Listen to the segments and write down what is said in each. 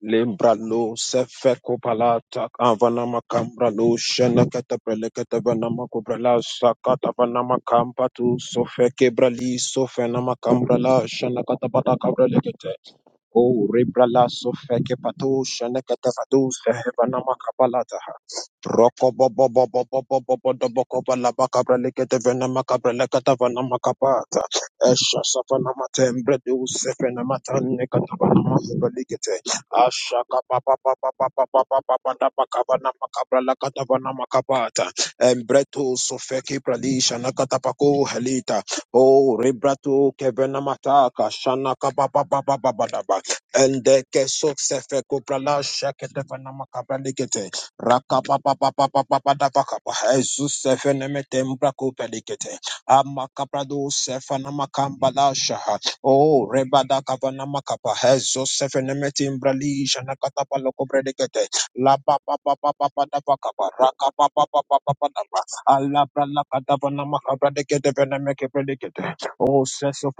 Lembralo sefeko palata avana makambra lo shana katabrele katabana makubrala sakata vana makamba tu sofeke brali sofena makambra la shana katabata kabrele kete o rebrala sofeke pato shana katabatu sehevana makapalata Roko bo bo bo bo bo bo bo bo do bo ko ba la ba ka bra le ke te vena ma ka bra le ka ta vana ma ka pa ta. Esha sa vana ma te mbre de u se vena ma ta ne ka ta vana ma ka bra le ke te. Asha kapapa papa papa papa papa papa papa papa kapapa napapa pala katavana makapata. Embreto sufekiprali shana katapako helita. Oh, embreto kevenamata kashana kapapa papa papa papa papa. Ndekesufekoprala asha katavana makapala githe. Rakapapapapapapadapakapa. Jesus sefenemete mbrakopelikete. Amakaprado sefanamakambadashaha. Oh, rebada kavana makapa. Jesus sefenemete mbralisha nakatapalokopredikete. La pa pa pa pa pa pa da pa ka pa ra Allah bra la ka da pa na ma so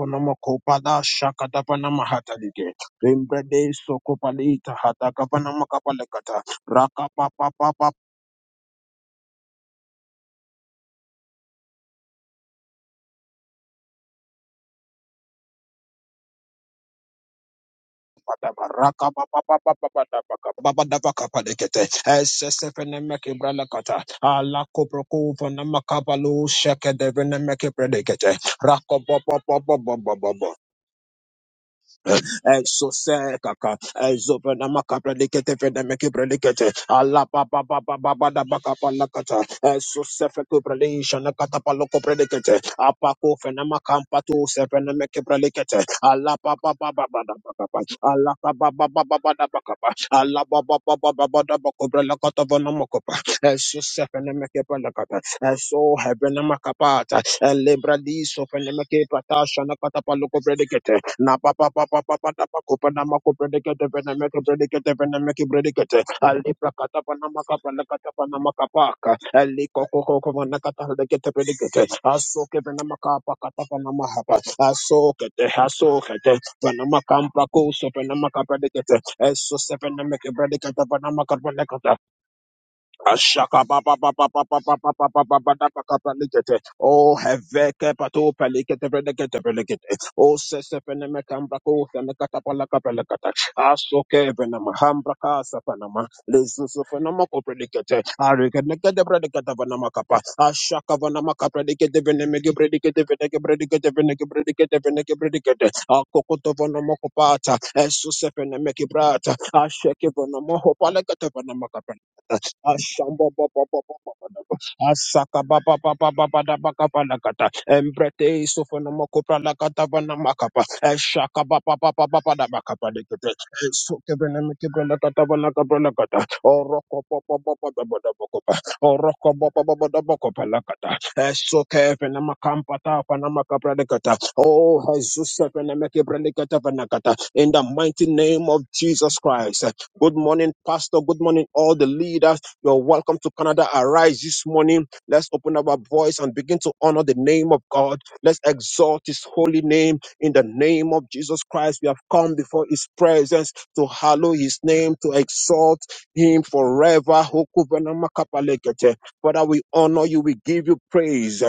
da sha da pa na ma ha ta li so Rakapa Exose kaka. Ezobre nama kapra likete fene meke pre likete. Ala ba ba ba ba ba ba da baka palakata. Exose feko lisha na kata paloko likete. Apako fene makampa tu se fene meke pre likete. Ala ba ba ba ba ba da baka pa. Ala ba ba ba ba ba ba da baka Ala ba ba ba ba ba ba da bako lakata vana moko pa. Exose fene lakata. Exo hebene makapa. Lebradiso fenemeke patasha na patapaloko predicate. Na pa pa pa pa pa pa pa pa na mako predicate venemeke predicate venemeke predicate. Ali prakata pa na makapa na kata pa na makapaka. Ali koko koko pa na kata na kete predicate. Asoke pa na makapa kata pa na mahapa. Asoke te asoke te pa na makampa kuso pa na makapredicate. Eso se venemeke predicate pa na makapa kata. Ashaka ba ba ba ba ba ba ba ba ba ba ba ba da ba ka ba likete. Oh, heveke pato pelikete pelikete pelikete. Oh, sese pene me kambra ko se me kata pala ka pala kata. Asoke pene me hambra ka sa pene me. Lezu se pene me ko pelikete. Arike ne kete pelikete pene me kapa. Ashaka pene me ka pelikete pene me ke pelikete pene ke pelikete pene ke pelikete pene ke pelikete. Akokoto pene me ko pata. Esu se pene me ki brata. Ashake pene me ho pala kete pene me ka pala. Ashamba ba ba ba ba ba ba da ba. Asaka ba ba ba ba ba ba da ba ka ba la ka ta. Embrete isofana makopra la ka ta ba na makapa. Eshaka ba ba ba ba ba ba da ba ka ba de ke te. Esoke be ne me ke be la ka ta ba la ka ba la ka ta. Oroko ba ba ba ba da ba da ba ko ba. Oroko ba ba ba ba da ba ko ba la ka ta. Esoke be ne makampa ta pa na makapra de ka ta. Oh, Jesus, se be ne me ke be le ka ta ba na ka ta. in the mighty name of Jesus Christ. Good morning, Pastor. Good morning, all the leaders. You're welcome to Canada. Arise this morning. Let's open up our voice and begin to honor the name of God. Let's exalt his holy name in the name of Jesus Christ. We have come before his presence to hallow his name, to exalt him forever. Hoku venama kapalekete. Father, we honor you. We give you praise.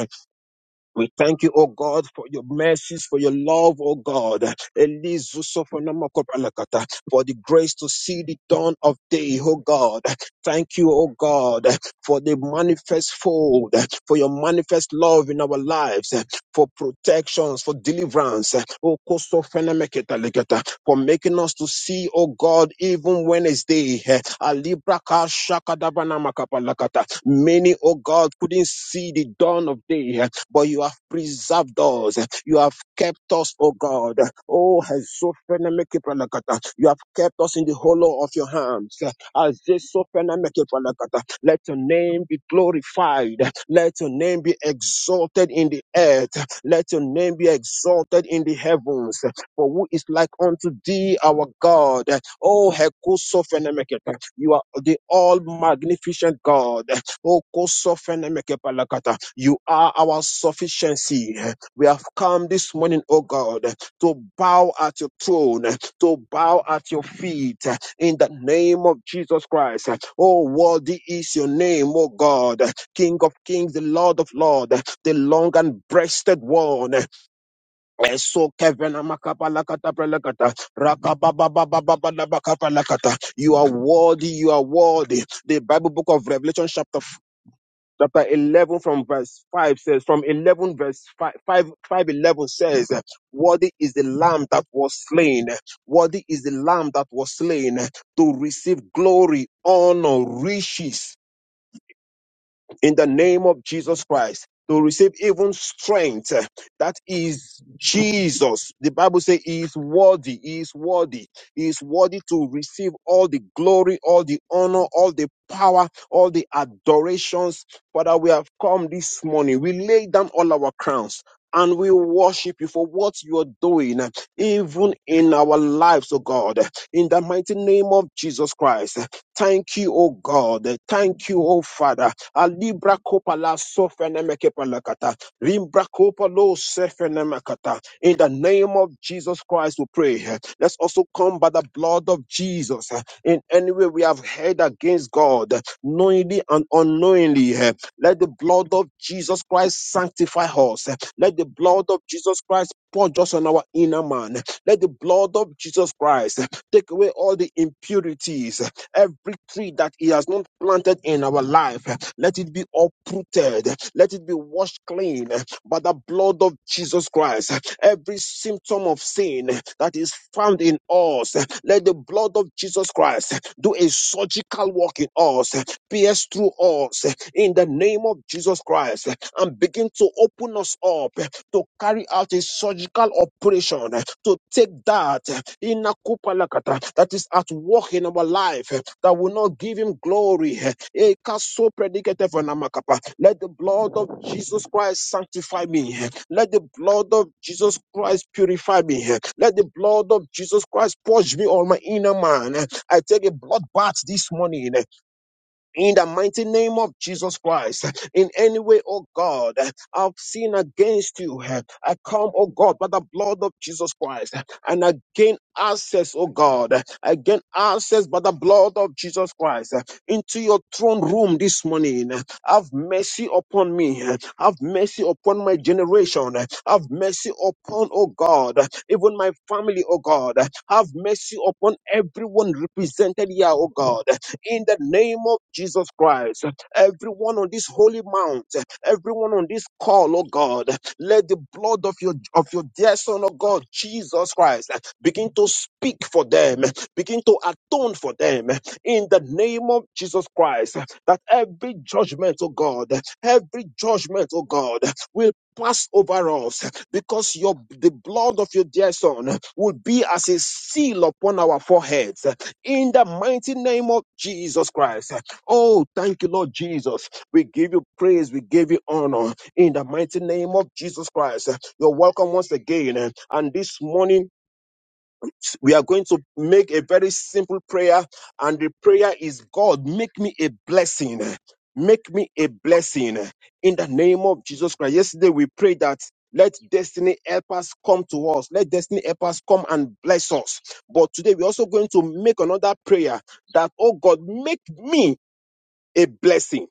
We thank you, O God, for your mercies, for your love, O God. Elizu sofonama kopalakata, For the grace to see the dawn of day, O God. Thank you, O God, for the manifest fold, for your manifest love in our lives, for protections, for deliverance, O kosofenameketaleketa, for making us to see, O God, even when it's day. Alibrakashakadabanama kapalakata. Many, O God, couldn't see the dawn of day but you have preserved us. You have kept us, O God. Oh, Hezophenemekepalakata. you have kept us in the hollow of your hands. Azesophenemekepalakata. Let your name be glorified. Let your name be exalted in the earth. Let your name be exalted in the heavens. For who is like unto thee, our God? Oh, Hekosophenemeketa. you are the all magnificent God. Oh, Kosophenemekepalakata. You are our sufficiency. We have come this morning, O God, to bow at your throne, to bow at your feet in the name of Jesus Christ. Oh, worthy is your name, O God, King of kings, the Lord of lords, the long and breasted one. Eso kevena makabalakata prelakata, rakabababababababakapalakata. You are worthy, you are worthy. The Bible book of Revelation, chapter chapter 11 from verse 5 says from 11 verse 5, 5, 5, 11 says worthy is the lamb that was slain worthy is the lamb that was slain to receive glory honor riches in the name of Jesus Christ to receive even strength. eh, That is Jesus. The Bible says he is worthy. He is worthy. He is worthy to receive all the glory, all the honor, all the power, all the adorations. Father, we have come this morning. We lay down all our crowns. And we worship you for what you are doing, eh, even in our lives, oh God. In the mighty name of Jesus Christ. Thank you, oh God. Thank you, oh Father. Alibra kopa la sofenemekapa lakata. Limbra kopa lo sefenemekata. In the name of Jesus Christ, we pray. Let's also come by the blood of Jesus. In any way we have heard against God, knowingly and unknowingly, let the blood of Jesus Christ sanctify us. Let the blood of Jesus Christ purge us on our inner man. Let the blood of Jesus Christ take away all the impurities. Every tree that He has not planted in our life, let it be uprooted, let it be washed clean by the blood of Jesus Christ. Every symptom of sin that is found in us, let the blood of Jesus Christ do a surgical work in us, pierce through us in the name of Jesus Christ, and begin to open us us up eh, to carry out a surgical operation eh, to take that in Nakupalakata that is at work in our life eh, that will not give him glory. Eh, eh, Kaso predicate for Namakapa. Let the blood of Jesus Christ sanctify me. eh, Let the blood of Jesus Christ purify me. eh, Let the blood of Jesus Christ purge me on my inner man. eh. I take a blood bath this morning eh, in the mighty name of Jesus Christ. In any way, oh God, I've sinned against you. I come, oh God, by the blood of Jesus Christ and I gain access, oh God. I gain access by the blood of Jesus Christ into your throne room this morning. Have mercy upon me. Have mercy upon my generation. Have mercy upon, oh God, even my family, oh God. Have mercy upon everyone represented here, oh God in the name of Jesus Christ. Everyone on this holy mount, everyone on this call, oh God, let the blood of your of your dear son, oh God, Jesus Christ, begin to speak for them, begin to atone for them in the name of Jesus Christ. That every judgment, oh God, every judgment, oh God, will pass over us because your the blood of your dear son will be as a seal upon our foreheads in the mighty name of Jesus Christ. Oh, thank you, Lord Jesus. We give you praise, we give you honor in the mighty name of Jesus Christ. You're welcome once again. And this morning, we are going to make a very simple prayer and the prayer is god make me a blessing make me a blessing in the name of jesus christ yesterday we prayed that let destiny help us come to us. Let destiny help us come and bless us. But today we're also going to make another prayer that, oh God, make me a blessing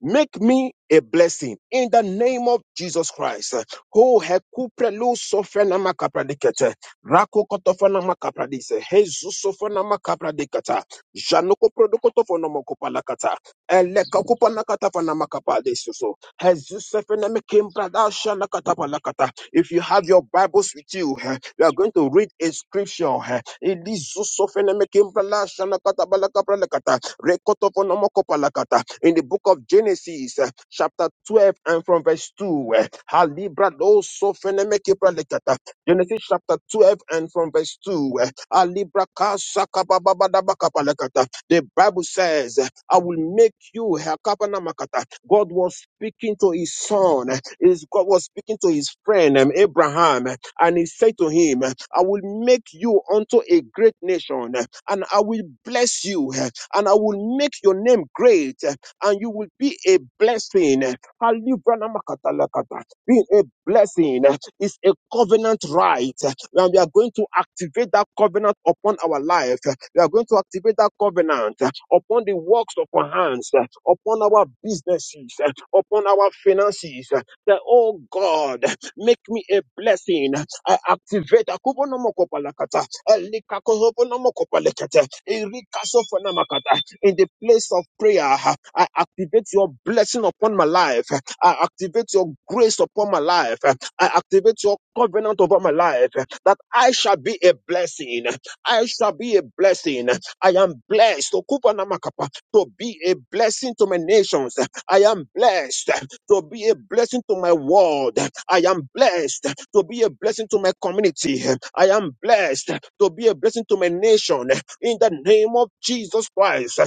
Make me a blessing in the name of Jesus Christ. Ho hekuprelu sofenama kapradikete. Rako kotofana makapradise. Jesus sofanama kapradikata. Janoko produkotofonoma kopalakata. Eleka kopalakata fanama kapadesoso. Jesus sofename kimpradasha lakata palakata. If you have your Bibles with you, eh, we are going to read a scripture. eh. Elizu sofename kimpradasha lakata balakapalakata. Rekotoponomokopalakata. In the book of Genesis, uh, chapter 12, and from verse 2. uh, Halibra do sofenemekepalakata. Genesis chapter 12, and from verse 2. uh, Alibra kasakabababadabakapalakata. The Bible says, uh, I will make you Hakapanamakata. God was speaking to his son. uh, His God was speaking to his friend um, Abraham, uh, and he said to him, eh, I will make you unto a great nation, uh, and I will bless you. eh, and I will make your name great, eh, and you will be a blessing. eh. Alibranamakatalakata. Being a blessing eh, is a covenant right, eh, and we are going to activate that covenant upon our life. eh. We are going to activate that covenant eh, upon the works of our hands, eh, upon our businesses, eh, upon our finances. eh. That, oh God, make me a blessing. I activate Akubonomokopalakata, Elikakohobonomokopalakata, Erikasofonamakata. in the place of prayer. I activate your blessing upon my life. I activate your grace upon my life. I activate your covenant over my life that I shall be a blessing. I shall be a blessing. I am blessed Okubonamakapa, to be a blessing to my nations. I am blessed to be a blessing to my world. I am blessed to be a blessing to my community. I am blessed to be a blessing to my nation. In the name of Jesus Christ,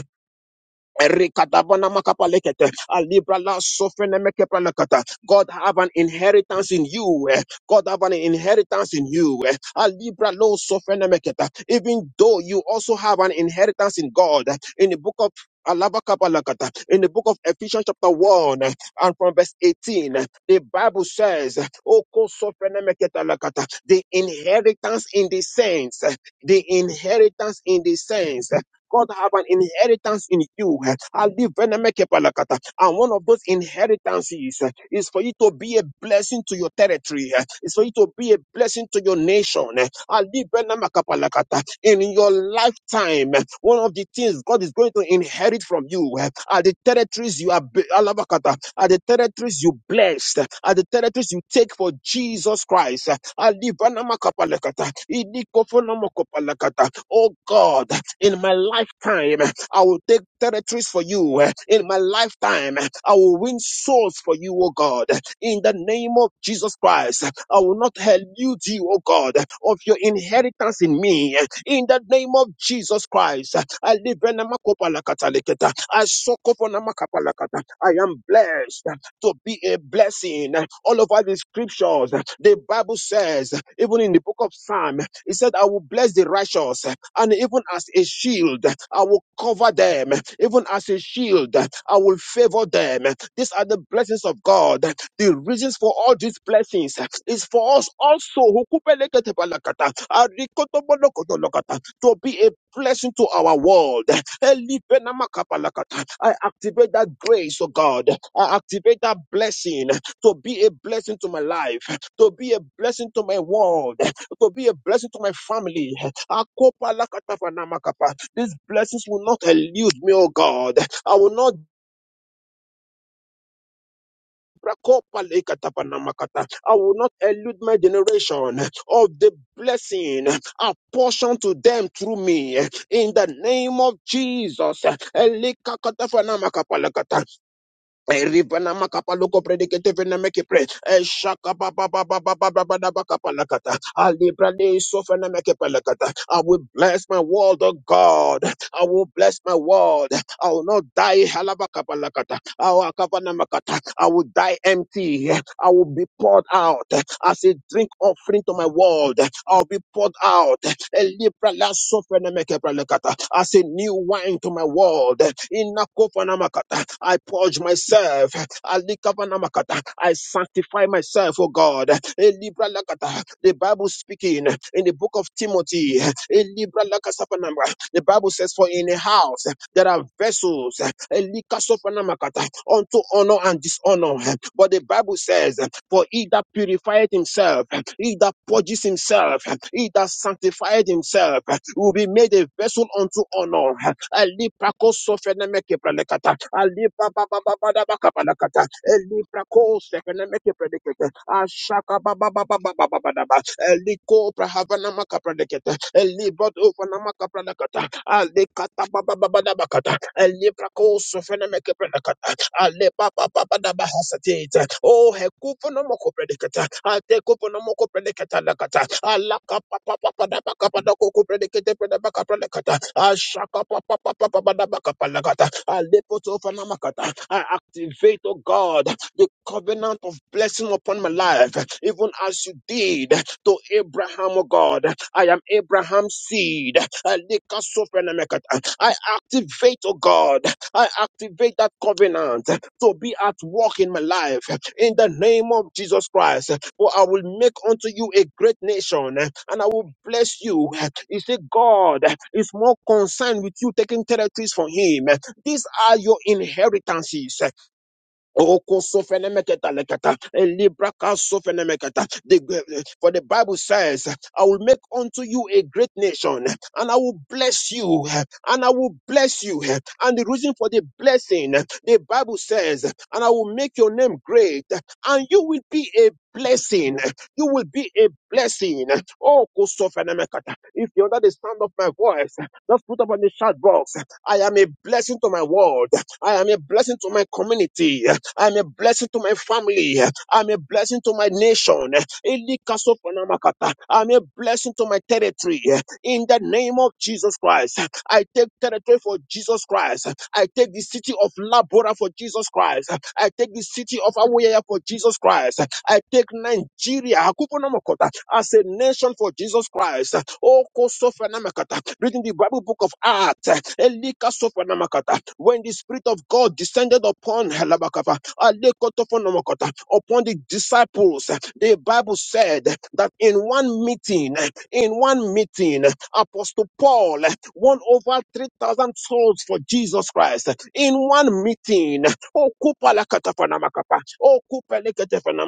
Erikadabana makapalekete, alibrala sofrenemekepalakata. God have an inheritance in you. eh. God have an inheritance in you. eh. Alibralo sofrenemeketa. Even though you also have an inheritance in God. In the book of Alabakapalakata, in the book of Ephesians chapter 1 eh, and from verse 18, eh, the Bible says, Oko sofrenemeketalakata, the inheritance in the saints, eh, the inheritance in the saints. God have an inheritance in you. Ali venemeke palakata. And one of those inheritances eh, is for you to be a blessing to your territory. eh, Is for you to be a blessing to your nation. eh. Ali venemeka palakata. In your lifetime, eh, one of the things God is going to inherit from you eh, are the territories you are be- alabakata, are the territories you blessed, eh, are the territories you take for Jesus Christ. eh. Ali venemeka palakata. Idikofo nomoko palakata. Oh God, in my lifetime, I will take territories for you. In my lifetime, I will win souls for you, O God. In the name of Jesus Christ, I will not elude you, O God, of your inheritance in me. In the name of Jesus Christ, I live in Amakopalakataleketa. I sokoponamakabalakata. I am blessed to be a blessing all over the scriptures. The Bible says, even in the book of Psalm, he said, I will bless the righteous, and even as a shield, I will cover them. Even as a shield, I will favor them. These are the blessings of God. The reasons for all these blessings is for us also Hukupeleketebalakata, arikotobolokotolokata, to be a blessing to our world. Elipenamakapalakata. I activate that grace, oh God. I activate that blessing to be a blessing to my life, to be a blessing to my world, to be a blessing to my family. Akopa lakatapa namakapa. These blessings will not elude me, oh God. I will not Rakopa lekatapa namakata. I will not elude my generation of the blessing apportioned to them through me in the name of Jesus. Elikakatafa namakapa lakata. Eribana makapa loko predikete vena meki pre. Eshaka ba ba ba ba ba ba ba ba da ba kapa lakata. Alibra de sofa na meki palakata. I will bless my world, oh God. I will bless my world. I will not die halaba kapa lakata. Awa kapa na makata. I will die empty. I will be poured out as a drink offering to my world. I'll be poured out. Elibra la sofrene mekebra lekata. As a new wine to my world. Inakofanamakata. I purge myself. Alikavanamakata. I sanctify myself, oh God. Elibra lakata. The Bible speaking in the book of Timothy. Elibra lakasapanama. The Bible says, For in a house there are vessels elikasofanama kata, unto honor and dishonor. But the Bible says for he that purifieth himself, he that purges himself, he that sanctifieth himself, will be made a vessel unto honor. Ali prako sofenemeke pralekata. Ali ba ba ba ba palakata. Ali prako sofenemeke pralekata. Ashaka ba ba ba ba ba Ali ko prahavana maka Ali bodo vanamaka pralekata. Ali kata ba ba ba kata. Ali prako sofenemeke pralekata. Alepapapapadabahasateta. Oh, hekuponomokopredeketa. Atekoponomokopredeketa lakata. Alakapapapapadabakapadakokopredeketepredabakapredeketa. Ashakapapapapapadabakapalakata. Alepotofanamakata. I activate, oh God, the covenant of blessing upon my life, even as you did to Abraham, oh God. I am Abraham's seed. Alikasofanamekata. I activate, oh God. I activate that covenant to be at work in my life in the name of Jesus Christ. For I will make unto you a great nation and I will bless you. You see, God is more concerned with you taking territories from Him. These are your inheritances. Oko sofenemeketa leketa, elibra ka sofenemeketa. The- For the Bible says, I will make unto you a great nation, and I will bless you, and I will bless you. And the reason for the blessing, the Bible says, and I will make your name great, and you will be a blessing. You will be a blessing. Oh, sofenemeketa. If you're under the sound of my voice, just put up on the chat box. I am a blessing to my world. I am a blessing to my community. I am a blessing to my family. I am a blessing to my nation. Eli kaso panamakata. I am a blessing to my territory in the name of Jesus Christ. I take territory for Jesus Christ. I take the city of Labora for Jesus Christ. I take the city of Awoya for Jesus Christ. I take Nigeria Akuponomokota, as a nation for Jesus Christ. Oh, Kosofenamakata. Reading the Bible book of Acts. Elika Sofenamakata. When the Spirit of God descended upon Halabakava, Alekotofonomokota, upon the disciples, the Bible said that in one meeting in one meeting, Apostle Paul won over 3,000 souls for Jesus Christ in one meeting. Oh, kupa la kata fana Oh, kupa le kete fana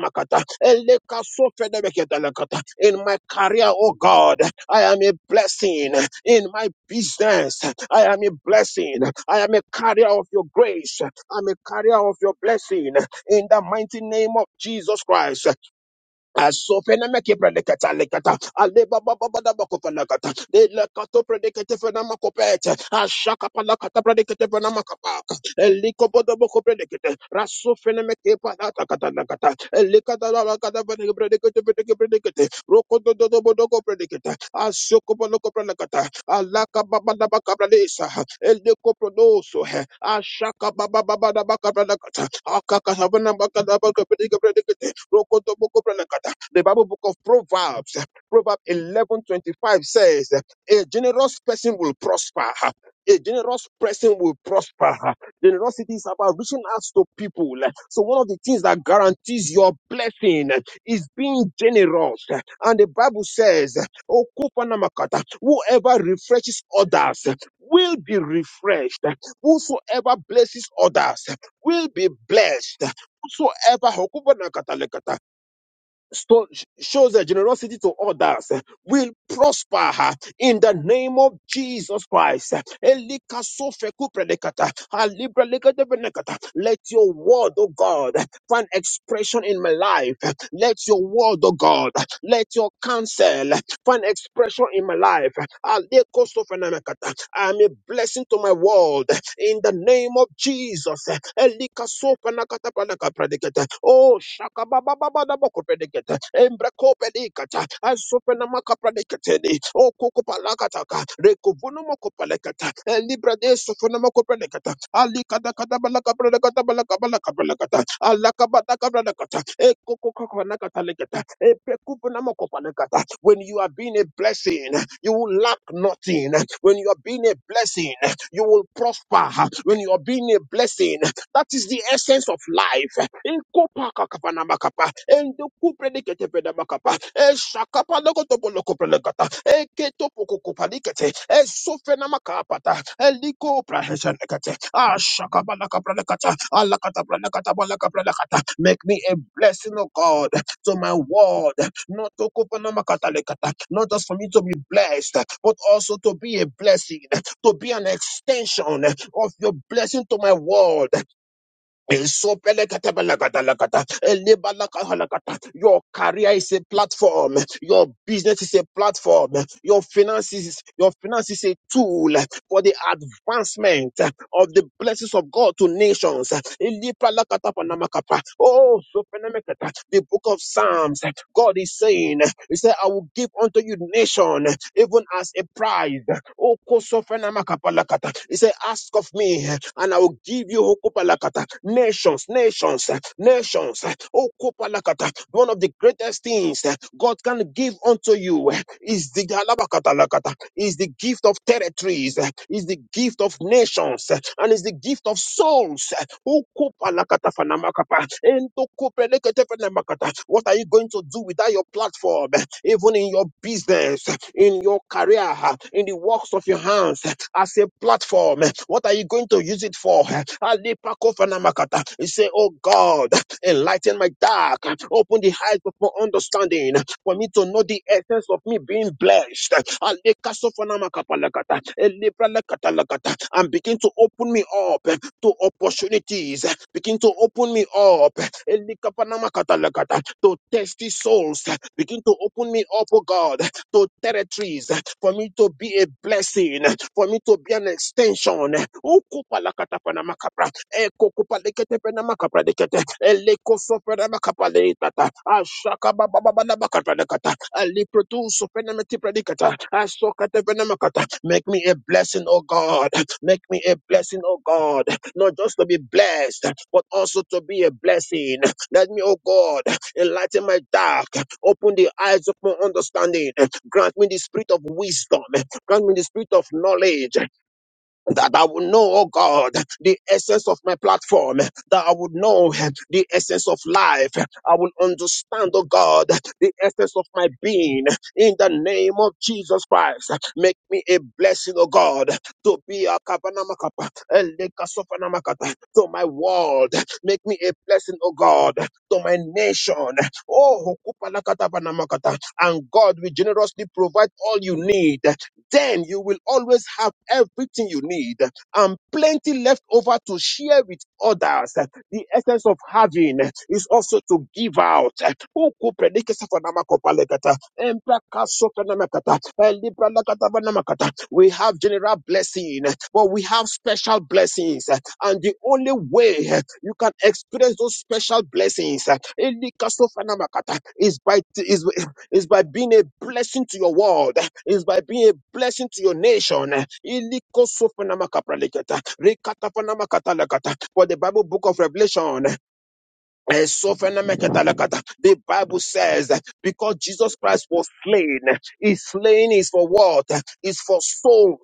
Eleka so fede be la kata. In my career, oh God, I am a blessing. In my business, I am a blessing. I am a carrier of your grace. I'm a carrier of your blessing. In the mighty name of Jesus Christ. Asofena meke predikata lekata. Aleba baba bada bako pelakata. De lekato predikate fena makopete. Ashaka palakata predikate fena makapaka. Eliko bodo boko predikate. Rasofena meke palata kata lekata. Elikata la la kata fena predikate predikate predikate. Roko do do do bodo ko predikate. Asoko bodo ko predikata. Alaka baba da baka predisa. Eliko prodoso he. Ashaka baba baba da baka predikata. Akaka sabena baka da baka predikate predikate. The Bible book of Proverbs, Proverbs 11:25 says, "A generous person will prosper." A generous person will prosper. Generosity is about reaching out to people. So one of the things that guarantees your blessing is being generous. And the Bible says, "O Kupanamakata, whoever refreshes others will be refreshed. Whosoever blesses others will be blessed whosoever Hokubanakatalekata, sto- shows their generosity to others eh, will prosper eh, in the name of Jesus Christ. eh. Elikasofekupredekata, alibrelekatebenekata. Let your word, oh God, eh, find expression in my life. eh. Let your word, oh God, eh, let your counsel find expression in my life. Alekosofenamakata. I am a blessing to my world in the name of Jesus. Elikasofenakatapanakapradikata. Oh, shakababababadabokopadikata. Embrakopedikata. Asofenamakapradikata teli o kokopalakata rekovonomo kopalekata libra de sofonomo kopalekata ali kada balaka balaka balaka balaka balakata alaka balaka balakata e kokokokonakata lekata e prekuponomo kopalekata when you are being a blessing you will lack nothing when you are being a blessing you will prosper when you are being a blessing that is the essence of life Ikopa kakapanabakapa, endokuprediketepenabakapa, eshakapalokotopolokopelekata, eketopokokopalikete, esofenamakapata, elikoprahesenekete, ashakabalakaprelekata, alakataprelekatabalakaprelekata. Make me a blessing, of God, to my world, not to kopanamakatalekata, not just for me to be blessed, but also to be a blessing, to be an extension of your blessing to my world. Isopelekatebelekatelekata, elebalakalakata. Your career is a platform. Your business is a platform. Your finances, your finance is a tool for the advancement of the blessings of God to nations. Elipalakatapanamakapa. Oh, sopenemekata. the book of Psalms, God is saying, He said, I will give unto you nation, even as a prize. O kosofenamakapalakata. He said, Ask of me, and I will give you hokopalakata. nations, nations, nations. O kopalakata. One of the greatest things God can give unto you is the halabakatalakata, is the gift of territories, is the gift of nations, and is the gift of souls. O kopalakata fanamakapa. Ento What are you? are you going to do without your platform? Even in your business, in your career, in the works of your hands, as a platform, what are you going to use it for? Alipakofanamakata. You say, Oh God, enlighten my dark, open the eyes of my understanding, for me to know the essence of me being blessed. Alekasofanamakapalakata. Elebralakatalakata. And begin to open me up to opportunities. Begin to open me up to thirsty souls. Begin to open me up, oh God, to territories for me to be a blessing, for me to be an extension. Ukupalakatapanamakapra, ekokupaleketepenamakapradekete, elekosofenamakapaleitata, ashakabababababakapradekata, aliprotusofenametipradekata, asokatepenamakata. Make me a blessing, oh God. Make me a blessing, oh God not just to be blessed, but also to be a blessing. Let me, oh God, enlighten my dark, open the eyes of my understanding, grant me the spirit of wisdom, grant me the spirit of knowledge, that I would know, oh God, the essence of my platform, that I would know the essence of life. I will understand, oh God, the essence of my being. In the name of Jesus Christ, make me a blessing, oh God, to be a kabanamakapa, a lekasofanamakata, to my world. Make me a blessing, oh God, to my nation. Oh, hokupalakata banamakata. and God will generously provide all you need then you will always have everything you need and plenty left over to share with others. The essence of having is also to give out. Huku predikisa kwa nama kopalekata, We have general blessing, but we have special blessings. And the only way you can experience those special blessings elikasofa is by is it's by being a blessing to your world. It's by being a blessing to your nation. Ilikosofanamakapraleketa, rekatafanamakatalakata. For the Bible book of Revelation Eh, The Bible says that because Jesus Christ was slain, his slain is for what? Is for souls.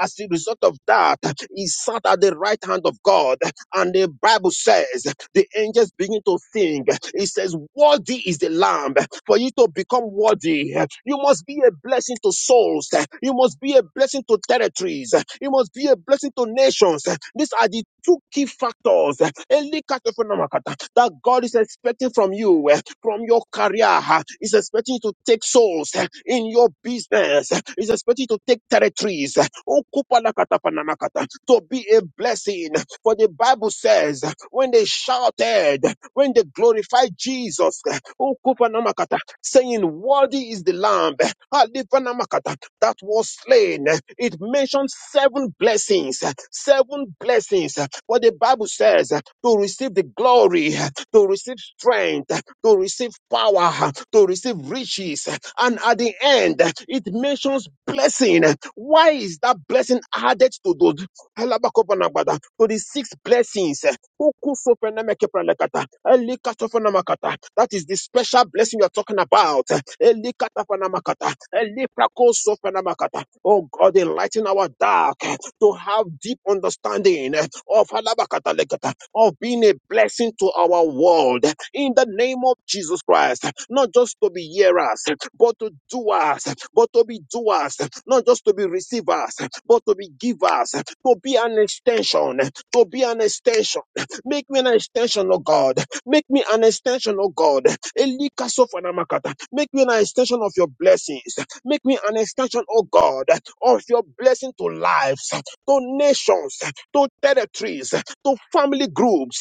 As a result of that, he sat at the right hand of God. And the Bible says the angels begin to sing. It says, Worthy is the Lamb. For you to become worthy, you must be a blessing to souls. You must be a blessing to territories. You must be a blessing to nations. These are the two key factors eh, elikatofenomakata, that God is expecting from you, eh, from your career. ah, Is expecting you to take souls eh, in your business. eh, Is expecting you to take territories. eh, okupalakatafanamakata, To be a blessing. For the Bible says, eh, when they shouted, eh, when they glorified Jesus, eh, okupanamakata, saying, Worthy is the Lamb Alifanamakata, that was slain. It mentions seven blessings, seven blessings. What the Bible says to receive the glory, to receive strength, to receive power, to receive riches. And at the end, it mentions blessing. Why is that blessing added to those? Alabakopanabada, to the six blessings. eh, Ukusopenemekepelekata, Elikatofonamakata. That is the special blessing you're talking about. eh, Elikatafanamakata, Eliprakosofonamakata. Oh God, enlighten our dark. eh, to have deep understanding eh, of Halabakatalekata, of being a blessing to our world eh, in the name of Jesus Christ. Not just to be hearers, eh, but to doers, eh, but to be doers, eh, not just to be receivers, eh, but to be givers, eh, to be an extension, eh, to be an extension. Make me an extension, oh God. Make me an extension, oh God. Elikasofanamaka. Make me an extension of your blessings. Make me an extension, oh God, of your blessing to lives to nations, to territories, to family groups.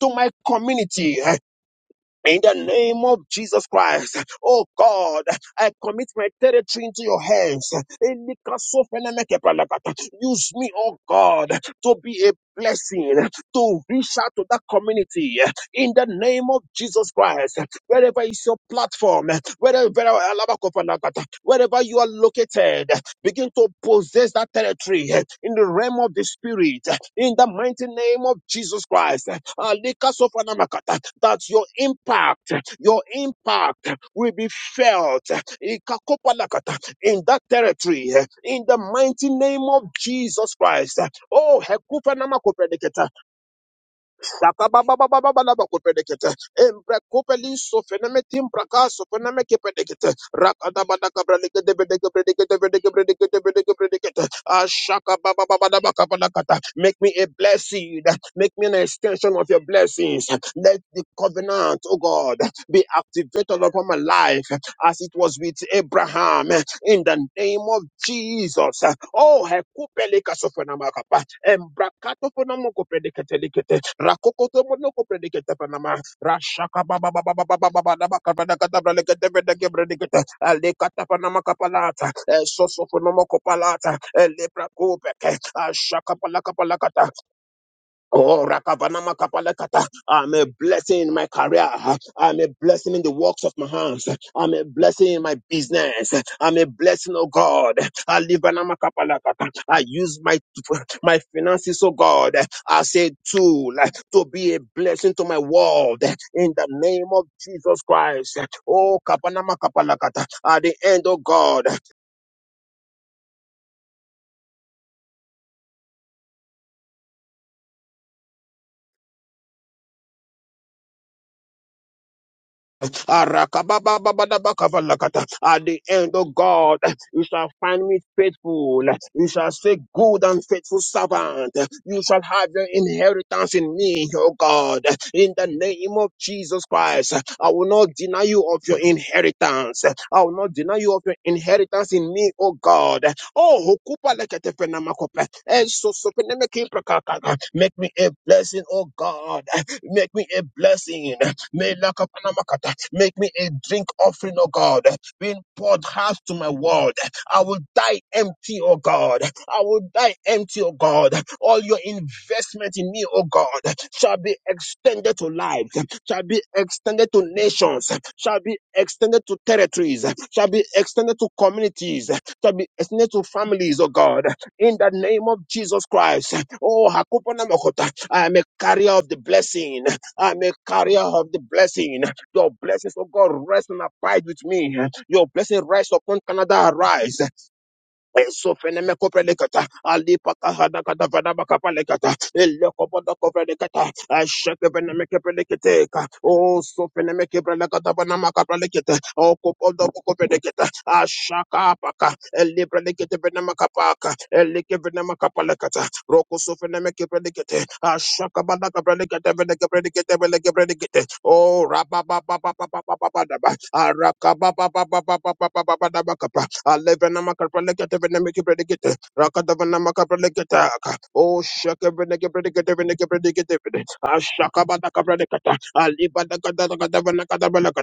To my community, in the name of Jesus Christ, oh God, I commit my territory into your hands. Use me, oh God, to be a blessing, to reach out to that community. In the name of Jesus Christ, wherever is your platform, wherever, wherever you are located, begin to possess that territory in the realm of the spirit. In the mighty name of Jesus Christ, Alikasofanemakata that your impact, your impact will be felt in that territory in the mighty name of Jesus Christ. Oh, Hekufanamakopeliketa. Rakababababababa kupedekete. Embra kupeli so feneme timbra kaso feneme kepedekete. Rakadabadaka bradekete bedeke bredekete bedeke bredekete bedeke bredekete. Ashaka babababababaka badakata. Make me a blessing. Make me an extension of your blessings. Let the covenant, oh God, be activated upon my life as it was with Abraham in the name of Jesus. Oh, hekupeleka Embrakato ponomoko predicatelikete. Rakokoto monoko predicate panama. Rashaka baba baba baba baba baba baba baba baba Alekata panama kapalata. Soso ponomoko palata. Lepra kupeke. Ashaka palaka palakata. Oh, Rakavanama Kapalekata. I'm a blessing in my career. I'm a blessing in the works of my hands. I'm a blessing in my business. I'm a blessing, oh God. Alibanama Kapalekata. I use my my finances, oh God, as a tool to be a blessing to my world in the name of Jesus Christ. Oh, Kapanama Kapalekata. At the end, oh God. Arakabababababakavalakata. At the end, oh God, you shall find me faithful. You shall say, Good and faithful servant. You shall have your inheritance in me, oh God. In the name of Jesus Christ, I will not deny you of your inheritance. I will not deny you of your inheritance in me, oh God. Oh, hukupa leketefenamakope. Esosopenemekiprakakaka. make me a blessing, oh God. Make me a blessing. May lakapanamakata. Make me a drink offering, oh God, being poured half to my world. I will die empty, oh God. I will die empty, oh God. All your investment in me, oh God, shall be extended to lives, shall be extended to nations, shall be extended to territories, shall be extended to communities, shall be extended to families, oh God. In the name of Jesus Christ, oh Hakupana Makota, I am a carrier of the blessing. I'm a carrier of the blessing. Your blessings, oh God, rest and abide with me. Your blessing rests upon Canada, arise sofene me kopelekata, alipaka hana kada vana makapalekata, elekoboda kopelekata, ashekevene me kepeleketeka, osofene me kepelekata vana makapalekete, okoboda kopeleketa, ashakapaka, elipelekete vene makapaka, elekevene makapalekata, rokosofene me kepelekete, ashakabada kapelekete, vene kepelekete, vene kepelekete, o rababababababababababa, arakabababababababababababa, Alevenama Kapralekete Venamiki Predicate, Rakadavanama Kapralekata, O Shaka Venaki Predicate Venaki Predicate, Ashakabata Kapradicata, Alibada Kadavana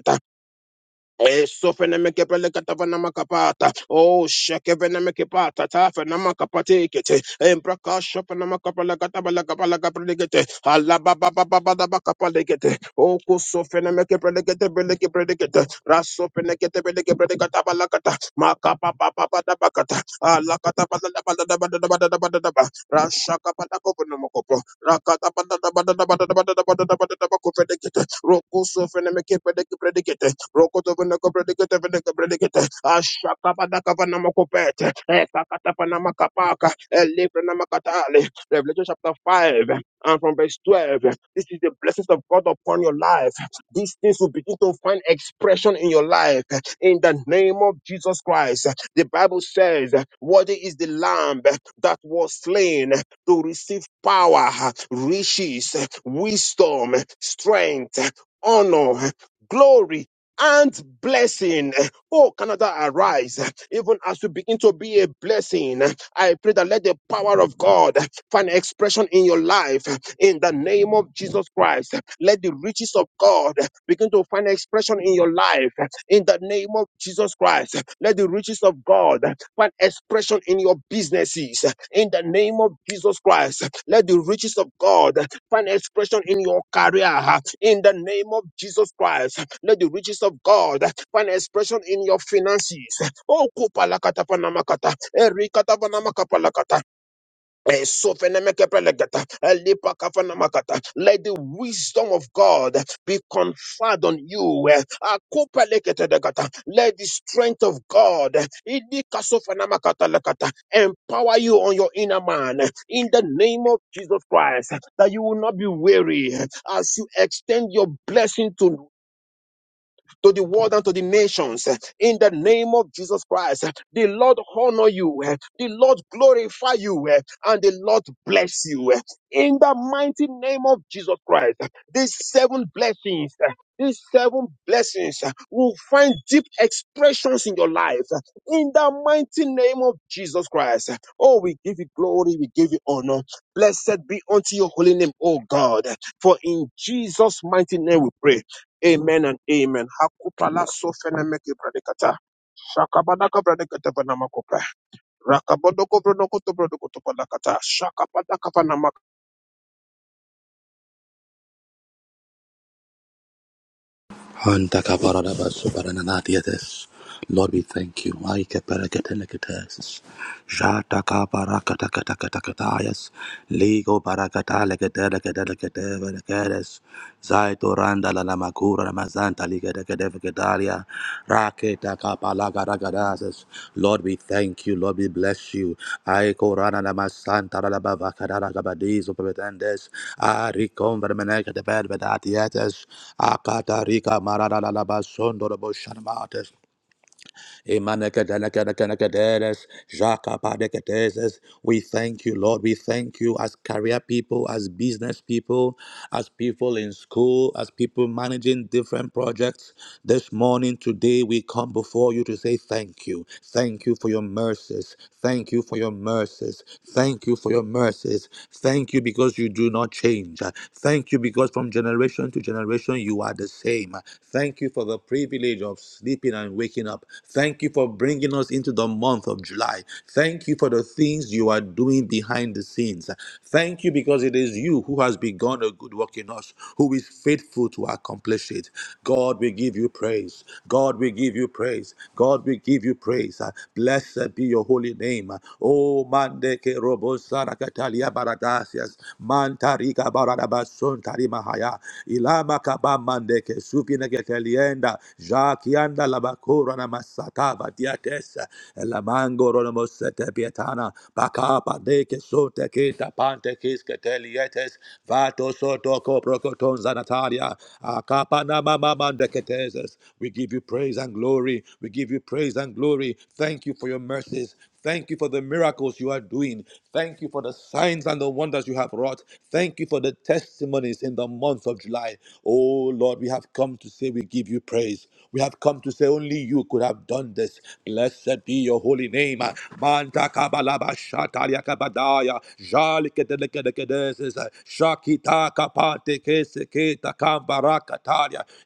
Esofenemekepelekatavanamakapata. Oh, shekevenemekepata, tafenamakapatekete. Embrakashofenamakapalakatabalakapalakapalekete. Alababababababakapalekete. Okusofenemekepeleketebelekepelekete. Rasofeneketebelekepelekatabalakata. Makapapapabadabakata. Alakatabadadabadadabadadabadadabadadaba. Rashakapatakovenemokopo. Rakatabadadabadadabadadabadadabadadabakofenekete. Rokosofenemekepelekepelekete. Rokotovenekobredeketevenekobredekete. Ashakabanakavanamokopete. Ekakatapanamakapaka. Elebrenamakatale. Revelation chapter 5 and from verse 12. This is the blessings of God upon your life. These things will begin to find expression in your life in the name of Jesus Christ. The Bible says, Worthy is the Lamb that was slain to receive power, riches, wisdom, strength, honor, glory and blessing. Oh, Canada, arise. Even as you begin to be a blessing, I pray that let the power of God find expression in your life. In the name of Jesus Christ, let the riches of God begin to find expression in your life in the name of Jesus Christ. Let the riches of God find expression in your businesses in the name of Jesus Christ. Let the riches of God find expression in your career in the name of Jesus Christ. Let the riches of God find expression in your finances. Oh, kupalakata panama kata, erikata panama kapalakata, Eh, so fenemekepelegeta, elipakafanemakata. Let the wisdom of God be conferred on you. eh. Akopeleketegeta. Let the strength of God eh, idikasofenemakateleketa, empower you on your inner man eh, in the name of Jesus Christ, eh, that you will not be weary eh, as you extend your blessing to to the world and to the nations. In the name of Jesus Christ, the Lord honor you, the Lord glorify you, and the Lord bless you. In the mighty name of Jesus Christ, these seven blessings, these seven blessings will find deep expressions in your life. In the mighty name of Jesus Christ, oh, we give you glory, we give you honor. Blessed be unto your holy name, oh God. For in Jesus' mighty name we pray. Amen and amen. Hakupala Amen. sofene meke bradikata. Shakabanaka bradikata banamakopa. Rakabodoko bronoko to brodoko to banakata. Shakapadaka Hanta kaparada basu paranana Lord, we thank you. Ay, kaparakatelekates. Jataka barakata kata kata kata yes. Ligo barakata legede legede legede legedes. Zaito randa la la makura la mazanta ligede gede vegedalia. Raketa kapalaga ragadases. Lord, we thank you. Lord, we bless you. Aiko rana la masanta la la bavakada la gabadizo pepetendes. Arikon vermeneke de bed Akata rika marada la la basondo la boshanamates. Emanekadalakadakadakaderes, jakapadeketeses. We thank you, Lord. We thank you as career people, as business people, as people in school, as people managing different projects. This morning, today, we come before you to say thank you. Thank you for your mercies. Thank you for your mercies. Thank you for your mercies. Thank you because you do not change. Thank you because from generation to generation you are the same. Thank you for the privilege of sleeping and waking up up. Thank you for bringing us into the month of July. Thank you for the things you are doing behind the scenes. Thank you because it is you who has begun a good work in us, who is faithful to accomplish it. God, we give you praise. God, we give you praise. God, we give you praise. Uh, Blessed be your holy name. Uh, Oh, mandeke robo sarakatalia baradasias. Mantarika baradabason tarimahaya. Ilama kaba mandeke supineke Jakianda korona masataba diates la mango pietana bakaba deke sote kita pante kiske vato soto koprokoton zanataria akapana mama mandeketeses. We give you praise and glory. We give you praise and glory. Thank you for your mercies. Thank you for the miracles you are doing. Thank you for the signs and the wonders you have wrought. Thank you for the testimonies in the month of July. Oh Lord, we have come to say we give you praise. We have come to say only you could have done this. Blessed be your holy name. Manta kabalaba shataria kabadaya. Jali kedelekedekedeses. Shakita kapate kese keta kambara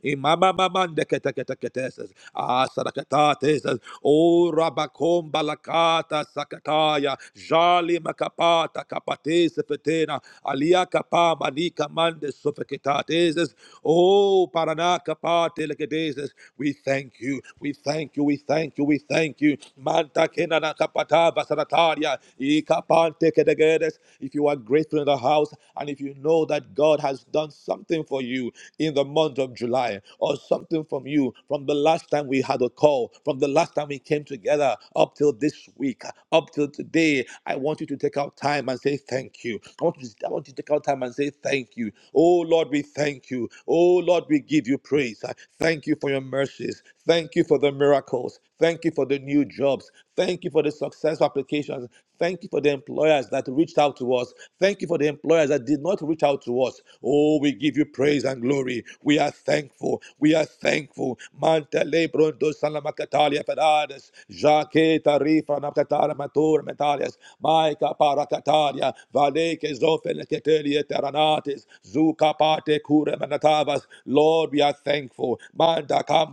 Imama mamande keteketeketeses. Asarakata makapates, o rabakom balakata sakataya, jali makapata kapates petena, alia kapa manika mande sofeketates, o parana kapate lekedeses. We thank you, we thank you, we thank you, we thank you. Manta kenana kapata basarataria, ikapante kedegedes. If you are grateful in the house and if you know that God has done something for you in the month of July, or something from you from the last time we had a call, from the last time we came together up till this week, up till today. I want you to take out time and say thank you. I want you to, I want you to take out time and say thank you. Oh Lord, we thank you. Oh Lord, we give you praise. Thank you for your mercies. Thank you for the miracles. Thank you for the new jobs. Thank you for the successful applications. Thank you for the employers that reached out to us. Thank you for the employers that did not reach out to us. Oh, we give you praise and glory. We are thankful. We are thankful. Mantele bronto salamakatalia fedades. Jake tarifa nakatara matura metalias. Maika parakatalia. Valeke zofele ketelia teranatis. Zuka pate kure manatavas. Lord, we are thankful. Manda cambra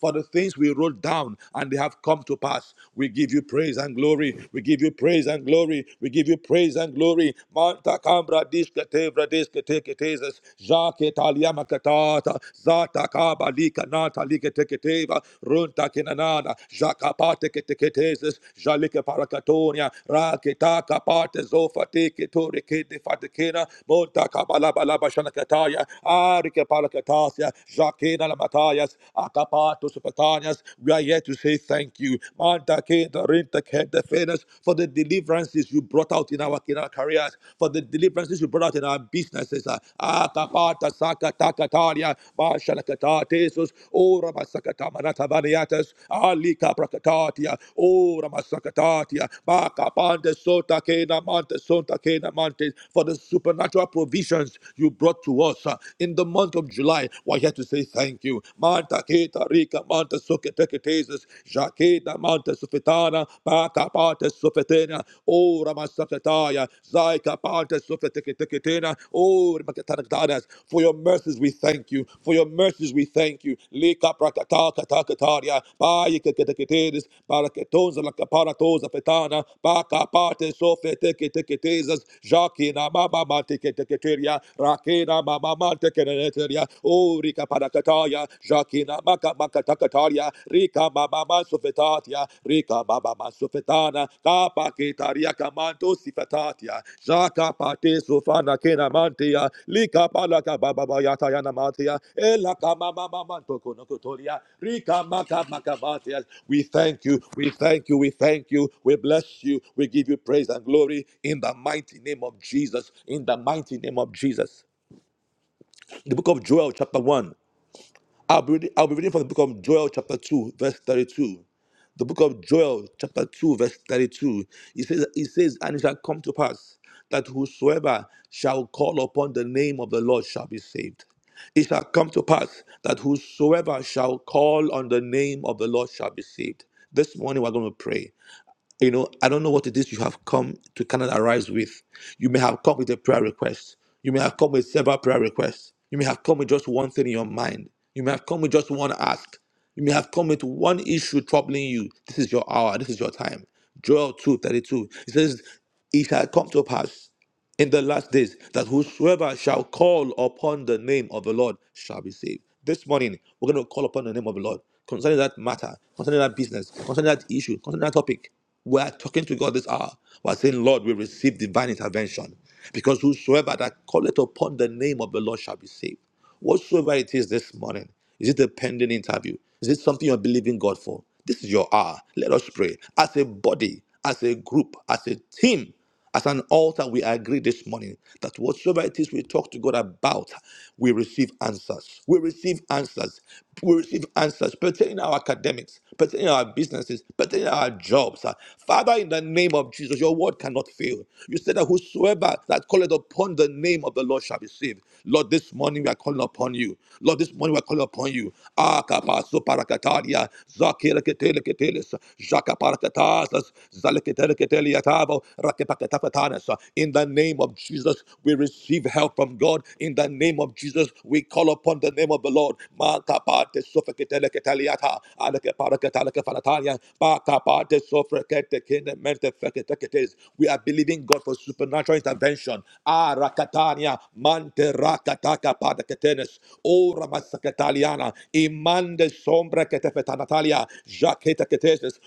for the things we wrote down and they have come to pass. We give you praise and glory. We give you praise and glory. We give you praise and glory. Manta cambra diskete, vradeske, teke, Zata kaba lika nata Runta kinanana. Jakapate keteketeses. Jalike parakatonia. Raketa kapate zofa teke, to fatekena. Monta kabala balaba shanakataya. Thank you, Palakatasias, Lamatayas, Akapatus Patanias. We are here to say thank you. Manta Kenta Rinta for the deliverances you brought out in our, in our careers, for the deliverances you brought out in our businesses. ah. Saka Takataria, Mashalakata Tesus, O Alika Prakatatia, O Ramasakatatia, Makapante Sota Kena for the supernatural provisions you brought to us in the month of July. Why you have to say thank you. Manta Keta Rika Manta Suketeketesis, Jakeda Manta Sufetana, Baka Pata Sufetena, O Ramasakataya, Zaika Pata Sufeteketena, O Ramatanakdanas. For your mercies we thank you. For your mercies we thank you. Lika Prakata Katakataria, Baikaketeketesis, Baraketones la Caparatosa Fetana, Baka Pata Sufeteketezas, Jakina Mama Mateketeketeria, Rakena mama Tekeneteria, O Rika Parakataya, Jakina Maka Makatakataria, Rika Mama Sufetatia, Rika Mama Sufetana, Kapa Kitaria Kamanto Sifetatia, Jaka Pate Sufana Kena Mantia, Lika Palaka Baba Yatayana Matia, Elaka Mama Manto Konokotoria, Rika Maka Makamatia. We thank you, we thank you, we thank you, we bless you, we give you praise and glory in the mighty name of Jesus, in the mighty name of Jesus. In the book of Joel, chapter 1. I'll be, reading, I'll be reading from the book of Joel, chapter 2, verse 32. The book of Joel, chapter 2, verse 32. It says, it says, And it shall come to pass that whosoever shall call upon the name of the Lord shall be saved. It shall come to pass that whosoever shall call on the name of the Lord shall be saved. This morning we're going to pray. You know, I don't know what it is you have come to Canada Rise with. You may have come with a prayer request. You may have come with several prayer requests. You may have come with just one thing in your mind. You may have come with just one ask. You may have come with one issue troubling you. This is your hour. This is your time. Joel two thirty two. It says, It shall come to pass in the last days that whosoever shall call upon the name of the Lord shall be saved. This morning, we're going to call upon the name of the Lord concerning that matter, concerning that business, concerning that issue, concerning that topic. We are talking to God this hour. We are saying, Lord, we receive divine intervention because whosoever that calleth upon the name of the Lord shall be saved. Whatsoever it is this morning, is it a pending interview? Is it something you're believing God for? This is your hour. Let us pray as a body, as a group, as a team as an altar, we agree this morning that whatsoever it is we talk to God about, we receive answers. We receive answers. We receive answers pertaining our academics, pertaining our businesses, pertaining our jobs. Uh, Father, in the name of Jesus, your word cannot fail. You said that whosoever that calleth upon the name of the Lord shall be saved. Lord, this morning we are calling upon you. Lord, this morning we are calling upon you. Ah, kapaso parakataria, zakiraketeleketeles, jakaparakatasas, in the name of Jesus, we receive help from God. In the name of Jesus, we call upon the name of the Lord. We are believing God for supernatural intervention. Ah, rakatania, mante rakatakapadeketenes. Ora imande sombra ketefetanatalia, Jacqueta Eteketesis,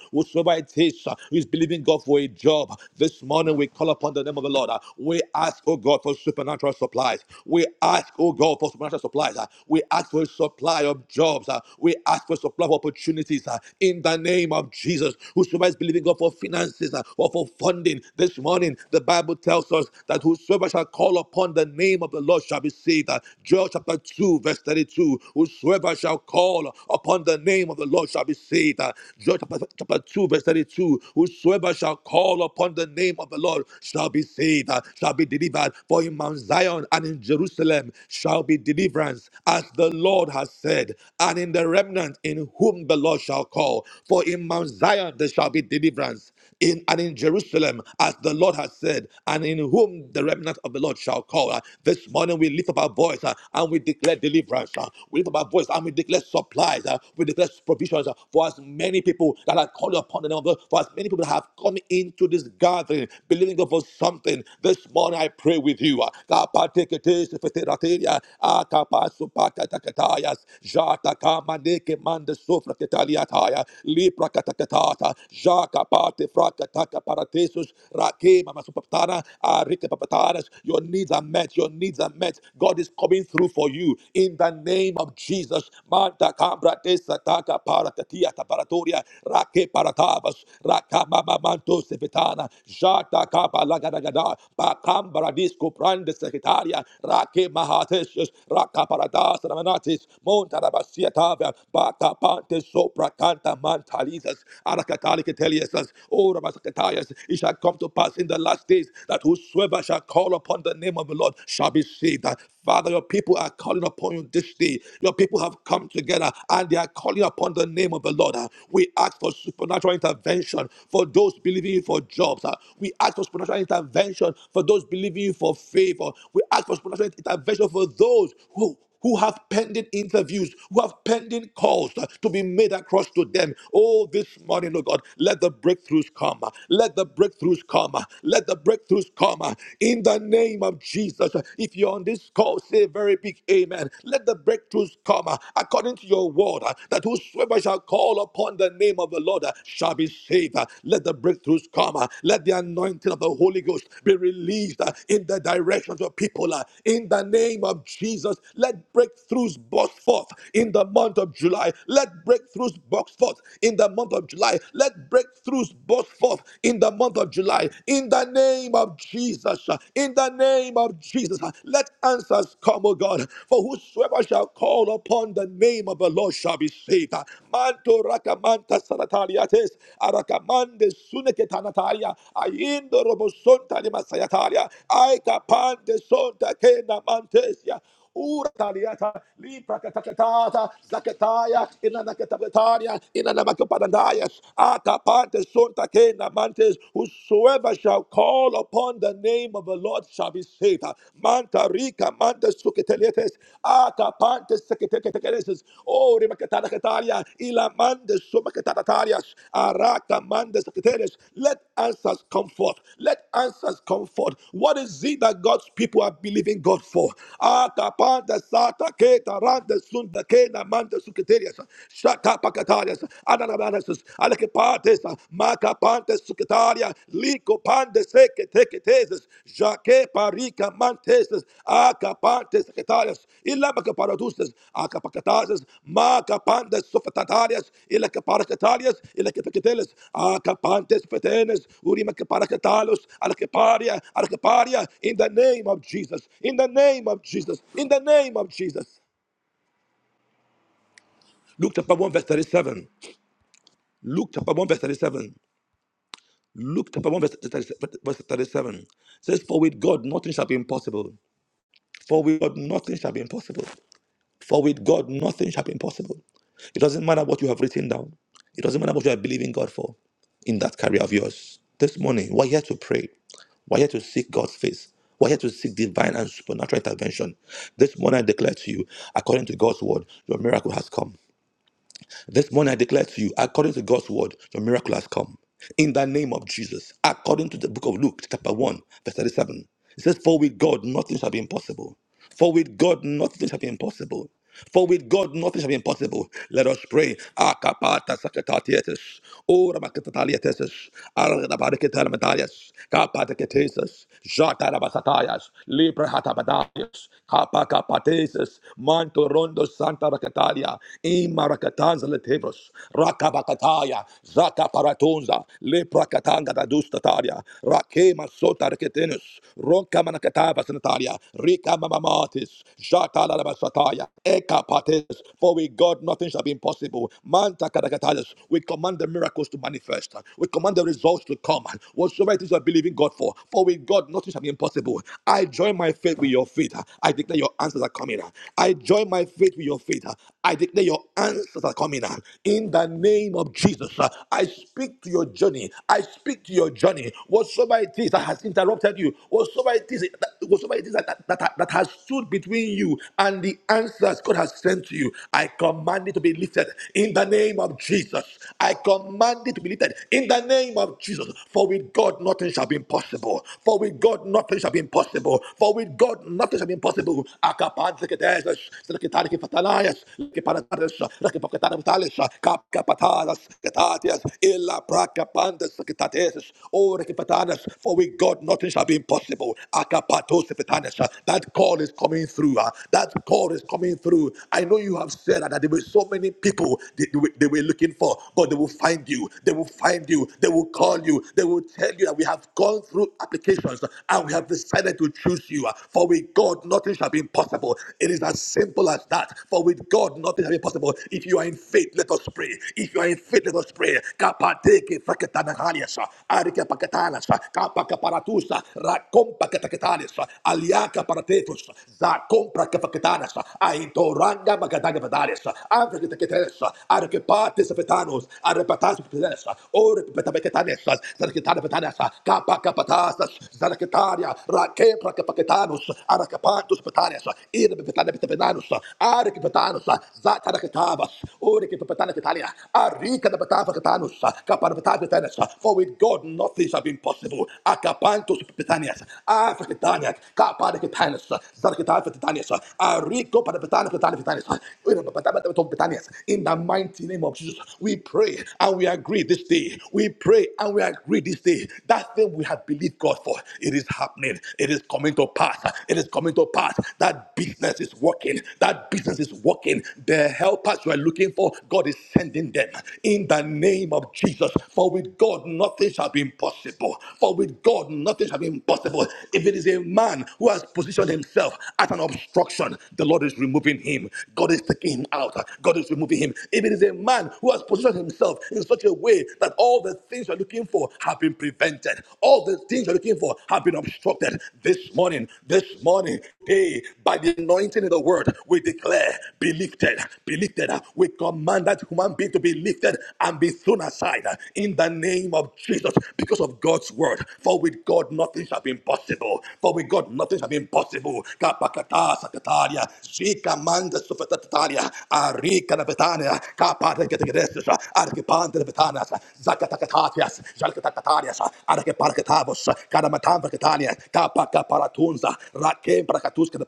it is uh, who is believing God for a job, this morning we call upon the name of the Lord. uh, We ask, oh God, for supernatural supplies. We ask, oh God, for supernatural supplies. uh, We ask for a supply of jobs. uh, We ask for a supply of opportunities uh, in the name of Jesus. Whosoever is believing God for finances uh, or for funding, this morning the Bible tells us that whosoever shall call upon the name of the Lord shall be saved. Uh, Joel chapter 2, verse 32. Whosoever shall call upon upon the name of the Lord shall be saved. Uh, John chapter, chapter 2, verse 32. Whosoever shall call upon the name of the Lord shall be saved, uh, shall be delivered. For in Mount Zion and in Jerusalem shall be deliverance, as the Lord has said, and in the remnant in whom the Lord shall call. For in Mount Zion there shall be deliverance in and in Jerusalem, as the Lord has said, and in whom the remnant of the Lord shall call. Uh, This morning we lift up our voice uh, and we declare deliverance uh, we lift up our voice and we declare supplies, uh, we declare provisions uh, for as many people that are calling upon the name of God, for as many people that have come into this gathering, believing God for something. This morning I pray with you. uh, Kapateketes feterateria, akapasupakatakatayas, jatakamanekemandesofraketaliataya, liprakatakatata, jakapatefrakatakaparatesus, rakemamasupaktana, arikepapataras. Your needs are met. Your needs are met. God is coming through for you in the name of Jesus. Manta kabra te sataka paratatia taparatoria rake paratabas rakamama manto sepetana jata kapa lagadagada bakambra disco prande secretaria rake mahatesus rakaparadas ramanatis montarabasia tavia bakapante sopra canta mantalizas arakatali keteliasas ora masakatayas it shall come to pass in the last days that whosoever shall call call upon the name of the Lord shall be saved. Father, your people are calling upon you this day. Your people have come together and they are calling upon the name of the Lord. Uh, We ask for supernatural intervention for those believing you for jobs. Uh, We ask for supernatural intervention for those believing you for favor. We ask for supernatural intervention for those who who have pending interviews, who have pending calls uh, to be made across to them. Oh, this morning, oh God, let the breakthroughs come. uh, Let the breakthroughs come. uh, Let the breakthroughs come. uh, In the name of Jesus, Uh, if you're on this call, say a very big amen. Let the breakthroughs come uh, according to your word, uh, that whosoever shall call upon the name of the Lord uh, shall be saved. Uh, Let the breakthroughs come. uh, Let the anointing anointing of the Holy Ghost be released uh, in the directions of people. uh, In the name of Jesus, let breakthroughs burst forth in the month of July. Let breakthroughs burst forth in the month of July. Let breakthroughs burst forth in the month of July. In the name of Jesus, uh, in the name of Jesus, uh, let answers come, O God. For whosoever shall call upon the name of the Lord shall be saved Seta, Manto Rakamanta Sanatariates, Arakamande Suneketanataria, Aindo Robosonta de Masayataria, Aika Pande Sonta Kena Mantesia, Urataliata, Lipa Katakatata, Zakataya, Inanakatapetaria, Inanamakapadandayas, Akapante Sonta Kena Mantes, whosoever shall call upon the name of the Lord shall be saved. Sata, Manta Rica, Manta Suketeletes, Ata Panta Seketeletes, O Rimacatana Cataria, Ila Manda Sumacatatarias, Arata Manda Seketeles. Let answers come forth. Let answers come forth. What is it that God's people are believing God for? Ata pantes Sata, Keta, Randa Sunda, Kena, Manda Suketerias, Shaka Pacatarias, Ananabanas, Maca pante secretaria, lico pante seque jaque parica manteses, aca pante secretarias, illa maca aca pacatazes, maca pante sofetatarias, illa paracatarias, illa que aca pantes petenes, urima paracatalos, ala que in the name of Jesus, in the name of Jesus, in the name of Jesus. Luke chapter 1, verse 37. Luke chapter 1, verse 37. Luke chapter 1, verse 37 verse says, For with God nothing shall be impossible. For with God nothing shall be impossible. For with God nothing shall be impossible. It doesn't matter what you have written down, it doesn't matter what you are believing God for in that career of yours. This morning, we're here to pray. We're here to seek God's face. We're here to seek divine and supernatural intervention. This morning, I declare to you, according to God's word, your miracle has come. This morning I declare to you, according to God's word, your miracle has come. In the name of Jesus, according to the book of Luke, chapter 1, verse 37, it says, For with God nothing shall be impossible. For with God nothing shall be impossible. For with God nothing shall be impossible. Let us pray. Akapata sakatatetes. Ora makatatalietes. Aradabariketalmatalias. Kapateketeses. Jatarabasatayas. Libra hatabadayas. Kapakapateses. Manto rondo santa rakatalia. Anzele Tebros, Rakabakataya, Zaka Paratonza, Lepra Katanga da Dustataria, Rakema Sotar Ketenus, Ronka Manakatava Sanataria, Rika Mamamatis, Jata Lalabasataya, Eka Pates, for with God nothing shall be impossible. Manta Kadakatalis, we command the miracles to manifest, we command the results to come. Whatsoever it is you are believing God for, for with God nothing shall be impossible. I join my faith with your faith. I declare your answers are coming. I join my faith with your faith. I declare your answers are that are coming. uh, In the name of Jesus, uh, I speak to your journey. I speak to your journey. Whatsoever it is that has interrupted you, whatsoever it is that, whatsoever it is that, that, that, that has stood between you and the answers God has sent to you, I command it to be lifted in the name of Jesus. I command it to be lifted in the name of Jesus. For with God, nothing shall be impossible. For with God, nothing shall be impossible. For with God, nothing shall be impossible. Akapanzekedes, Seketariki Fatalias, pakataras, kapkapataras, katatias, illa prakapandas, katatesis, orekipatanas, for with God nothing shall be impossible. Akapatos petanas, that call is coming through. ah. That call is coming through. I know you have said that there were so many people they, they were they were looking for, but they will find you. They will find you. They will call you. They will tell you that we have gone through applications and we have decided to choose you. ah. For with God, nothing shall be impossible. It is as simple as that. For with God, nothing shall be impossible. If you are in faith, let us pray. If you are in faith, let us pray. Kapateke fakatanahaliasa, arika pakatanasa, kapaka paratusa, rakompa katakatanasa, aliaka paratetus, zakompra kafakatanasa, aitoranga magadaga vadanasa, amfakatakatanasa, arikepates petanos, arepatas petanasa, ore petabeketanasa, zaraketana petanasa, kapaka patasas, zaraketaria, rakempra kapakatanus, arakapantus petanasa, irbe petane petanos, arikapatanasa, the Arika the Batava Catanus, Caparbatavitanas, For with God nothing shall be impossible. Akapantos Petanias, Africaniac, Caparicitanis, Sarcitafetanias, Arico Petanias. In the mighty name of Jesus, we pray and we agree this day. We pray and we agree this day. That thing we have believed God for, it is happening. It is coming to pass. It is coming to pass. That business is working. That business is working. The help helpers you are looking for, God is sending them in the name of Jesus. For with God, nothing shall be impossible. For with God, nothing shall be impossible. If it is a man who has positioned himself as an obstruction, the Lord is removing him. God is taking him out. God is removing him. If it is a man who has positioned himself in such a way that all the things you're looking for have been prevented, all the things you're looking for have been obstructed. This morning, this morning, hey, by the anointing of the word, we declare, be lifted, be lifted. We command that human being to be lifted and be thrown aside in the name of Jesus because of God's word. For with God nothing shall be impossible. For with God nothing shall be impossible. Kapakata sakataria, zika manda sufetataria, arika na betania, kapata getegedesis, arkipante na zakatakatatias, zalkatakatarias, arkiparketavos, karamatamba ketania, kapakaparatunza, rakempra katuska na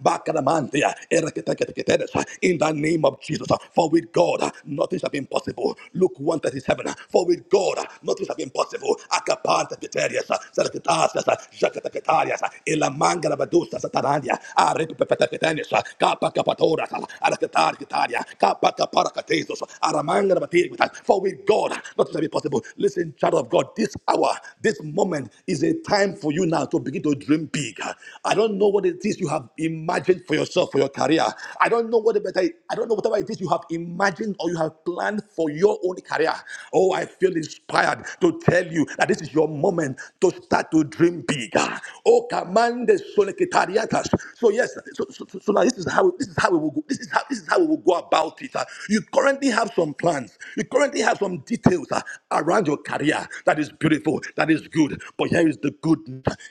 bakanamantia, eraketekateketedes, in the name of Jesus. For with God, nothing shall be impossible. Luke 1 37. For with God, nothing shall be impossible. Akapanta Piterias, Sarkitasias, Jacatacatarias, Elamanga Rabadusa Satarania, Arepipetanias, Capa Capatoras, Aracatar Gitaria, Capa Caparacatesos, Aramanga Rabatirita. For with God, nothing shall be possible. Listen, child of God, this hour, this moment is a time for you now to begin to dream big. I don't know what it is you have imagined for yourself, for your career. I don't know what but I, I don't know whatever it is you have imagined or you have planned for your own career. Oh, I feel inspired to tell you that this is your moment to start to dream bigger. Oh, commandes solicitariatas. So yes, so, so, so so now this is how this is how we will go. This is how this is how we will go about it. Uh, You currently have some plans. You currently have some details uh, around your career that is beautiful, that is good. But here is the good.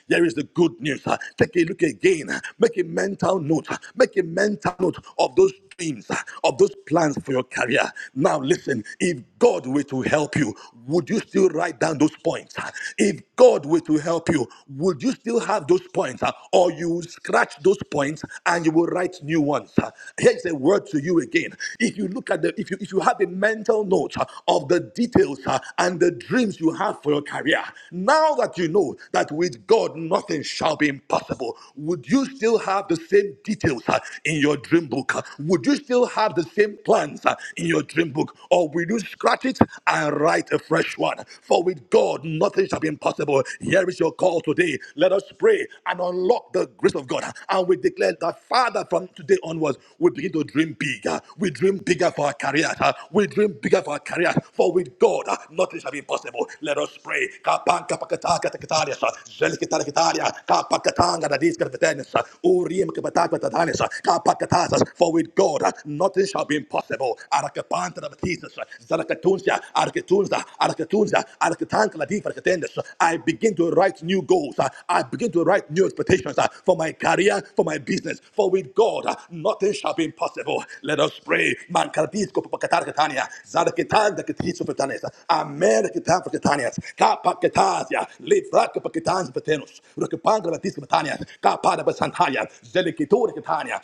Here is the good news. uh, Take a look again. uh, Make a mental note. uh, Make a mental note of those those dreams, uh, of those plans for your career. Now, listen, if God were to help you, would you still write down those points? uh? If God were to help you, would you still have those points? uh? Or you will scratch those points and you will write new ones? uh? Here's a word to you again. If you look at the, if you, if you have a mental note uh, of the details uh, and the dreams you have for your career, now that you know that with God nothing shall be impossible, would you still have the same details uh, in your dream book? book, would you still have the same plans uh, in your dream book? Or will you scratch it and write a fresh one? For with God, nothing shall be impossible. Here is your call today. Let us pray and unlock the grace of God. uh, And we declare that, Father, from today onwards, we begin to dream bigger. We dream bigger for our careers. uh, We dream bigger for our careers. For with God, uh, nothing shall be impossible. Let us pray. Kapan kapakata katakataria sa, zelikitaria kitaria, kapakatanga dadis katatanis sa, urim kapataka tatanis sa, kapakata sa, for with God, uh, nothing shall be impossible. Arakapanta of Jesus, uh, Zarakatunsia, Arakatunza, Arakatunza, Arakatanka Ladifa Katendis. I begin to write new goals. uh, I begin to write new expectations uh, for my career, for my business. For with God, uh, nothing shall be impossible. Let us pray. Mankardisco Pakatarkatania, Zarakitanda Katisopetanes, Amerikitan for Katanias, Kapakatasia, Livraka Pakatans Patenus, Rakapanga Batis Katanias, Kapada Basantaya, Zelikitur Katania,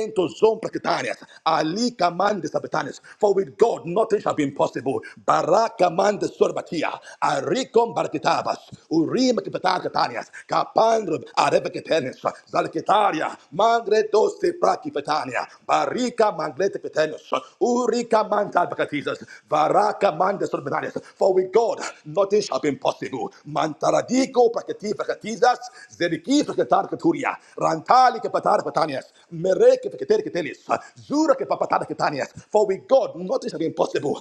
came to Zone Precatarias, Ali command the Sabbatanians, for with God nothing shall be impossible. Barak command the Sorbatia, Aricom Barkitabas, Urim Kipetar Catanias, Capandrum Arevicetanis, Zalketaria, Mangretos Prakipetania, Barika Manglete Petanus, Urica Manta Bacatisus, Varaka Mandes Sorbananis, for with God nothing shall be impossible. Mantaradico Prakati Bacatisas, Zeriki Pacatar Caturia, Rantali Capatar Patanias, for with God, nothing shall be impossible.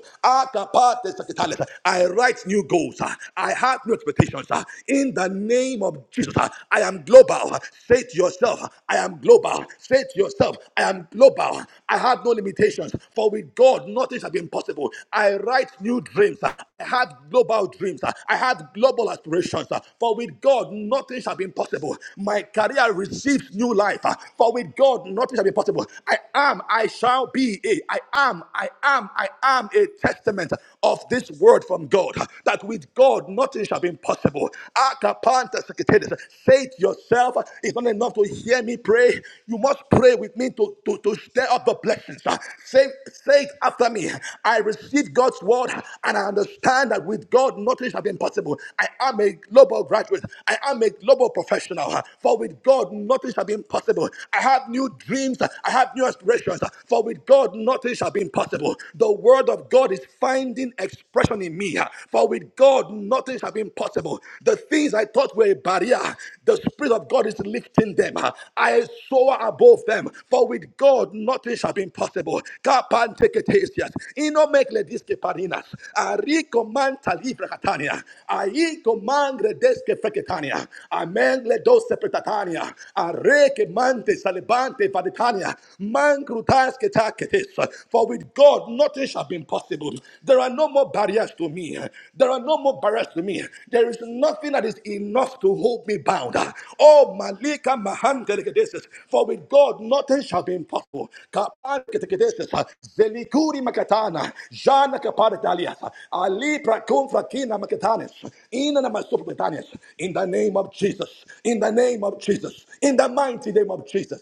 I write new goals. I have new expectations. In the name of Jesus, I am global. Say to yourself, I am global. Say to yourself, I am global. I have no limitations. For with God, nothing shall be impossible. I write new dreams. I have global dreams. I have global aspirations. For with God, nothing shall be impossible. My career receives new life. For with God, nothing shall be impossible. I am, I shall be a, I am, I am, I am a testament of this word from God that with God nothing shall be impossible. Akapanta sekitedes. Say it yourself. It's not enough to hear me pray. You must pray with me to, to, to stir up the blessings. Say, say it after me. I receive God's word and I understand that with God nothing shall be impossible. I am a global graduate. I am a global professional. For with God nothing shall be impossible. I have new new dreams. I have new aspirations. For with God, nothing shall be impossible. The word of God is finding expression in me. For with God, nothing shall be impossible. The things I thought were a barrier, the Spirit of God is lifting them. I soar above them. For with God, nothing shall be impossible. Kapan teketesias. parinas. Ariko livre katania. Aiko freketania. Amen le Areke Mante vaditania, man krutas ketaketes. For with God nothing shall be impossible. There are no more barriers to me. There are no more barriers to me. There is nothing that is enough to hold me bound. Oh Malika Mahan keteketes. For with God nothing shall be impossible. Kapan keteketes. Zelikuri makatana. Jana kaparitalias. Ali prakun frakina makatanes. Ina namasupetanias. In the name of Jesus. In the name of Jesus. In the mighty name of Jesus.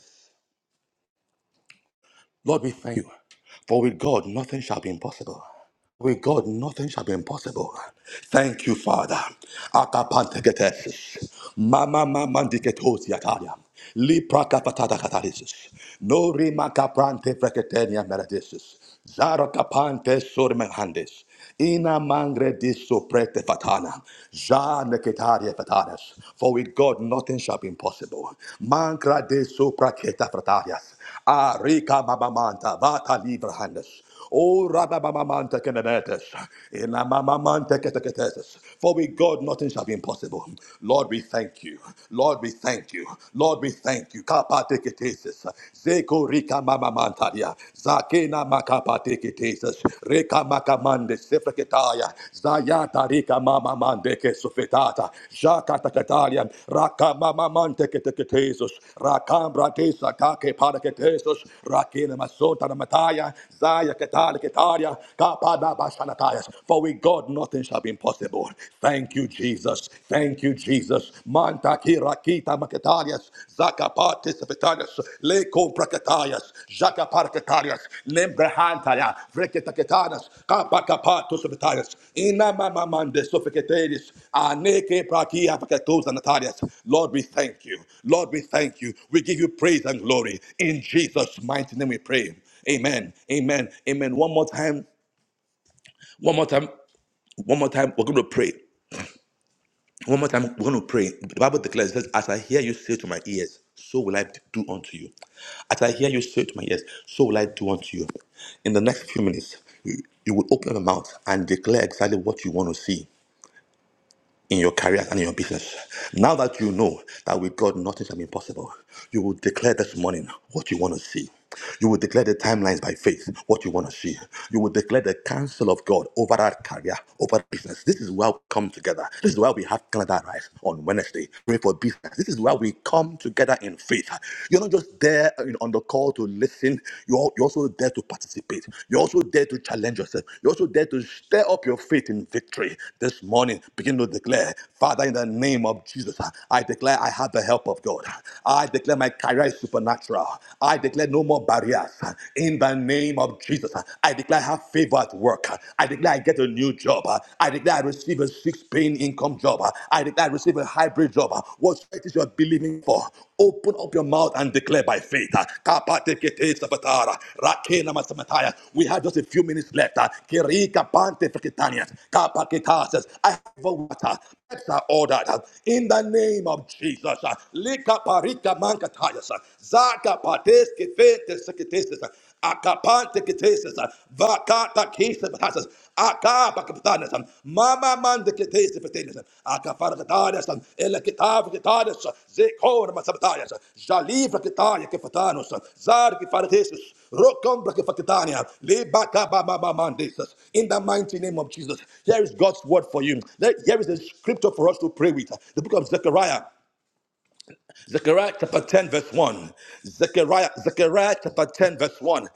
Lord, we thank you. For with God, nothing shall be impossible. With God, nothing shall be impossible. Thank you, Father. Akapanteketesis. Mama mama diketos yataya. Lipra kapatata katalisis. No rima kaprante freketenia meradesis. Zara kapante sormehandes. Ina mangre disoprete fatana. Ja neketaria fatanas. For with God nothing shall be impossible. Mangra desopraketa fratarias. Arika mamamanta vata librahandes. O rababamamanta kenenetes. Ina mamamanta keteketeses. For with God nothing shall be impossible. Lord, we thank you. Lord, we thank you. Lord, we thank you. Kapate keteses. Zeko rika mama mantaria. Zakena makapateketesis. Reka makamande sefreketaya. Zayata rika mama mandeke sofetata. Jakata katalia. Raka mama manteketeketesis. Rakambra tesa kake paraketesis. Rakena masota na Zaya katale ketaria. Kapada bashanatayas. For with God nothing shall be impossible. Thank you, Jesus. Thank you you, Jesus. Manta kirakita makatarias, zakapatis petarias, leko prakatarias, jakaparkatarias, lembrehantaya vreketaketarias, kapakapatus petarias, inamamamande sofiketeris, aneke prakia pakatos anatarias. Lord, we thank you. Lord, we thank you. We give you praise and glory. In Jesus' mighty name we pray. Amen. Amen. Amen. One more time. One more time. One more time. We're going to pray. One more time, we're going to pray. The Bible declares, it says, As I hear you say to my ears, so will I do unto you. As I hear you say to my ears, so will I do unto you. In the next few minutes, you, you will open your mouth and declare exactly what you want to see in your career and in your business. Now that you know that with God nothing is impossible, you will declare this morning what you want to see. You will declare the timelines by faith, what you want to see. You will declare the counsel of God over that career, over business. This is why we come together. This is why we have Canada Rise on Wednesday. Pray for business. This is why we come together in faith. You're not just there you know, on the call to listen. You're you're also dare to participate. You also dare to challenge yourself. You also dare to stir up your faith in victory this morning. Begin to declare, Father, in the name of Jesus, I declare I have the help of God. I declare my career is supernatural. I declare no more barriers. In the name of Jesus, I declare I have favor at work. I declare I get a new job. I declare I receive a six paying income job. I declare I receive receive a hybrid job. What it is you're believing for, open up your mouth and declare by faith. Kapatekete sabatara, rakena masamataya. We have just a few minutes left. Kirika pante feketanias, kapaketases. I have water. That's our order. In the name of Jesus. Lika parika mankatayas. Zaka pates kefete seketes. Akapante ketesis, vakata Akapanteketesis, vakatakesis, akapakaptanis, mama mandeketesis, petenis, akafargatanis, elekitavgatanis, zekormasabtanis, jalivrakitaya kefatanus, zargifartesis, rokombrakefakitania, lebakabamamandesis. In the mighty name of Jesus, here is God's word for you. Let- Here is a scripture for us to pray with. The book of Zechariah. Zechariah chapter 10, verse 1. Zechariah, Zechariah chapter 10, verse 1.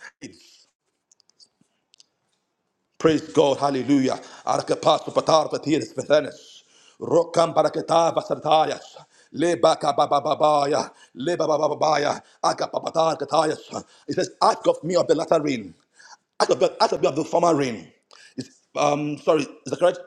Praise God. Hallelujah. Arkapasu fatar patiris pethenes. Rokam barakatava sartarias. Le baka baba babaya. Le baba babaya. Akapapatar katayas. It says, ask of me of the latter rain. Acts of, Acts of the former rain. It's, um, sorry, is that correct?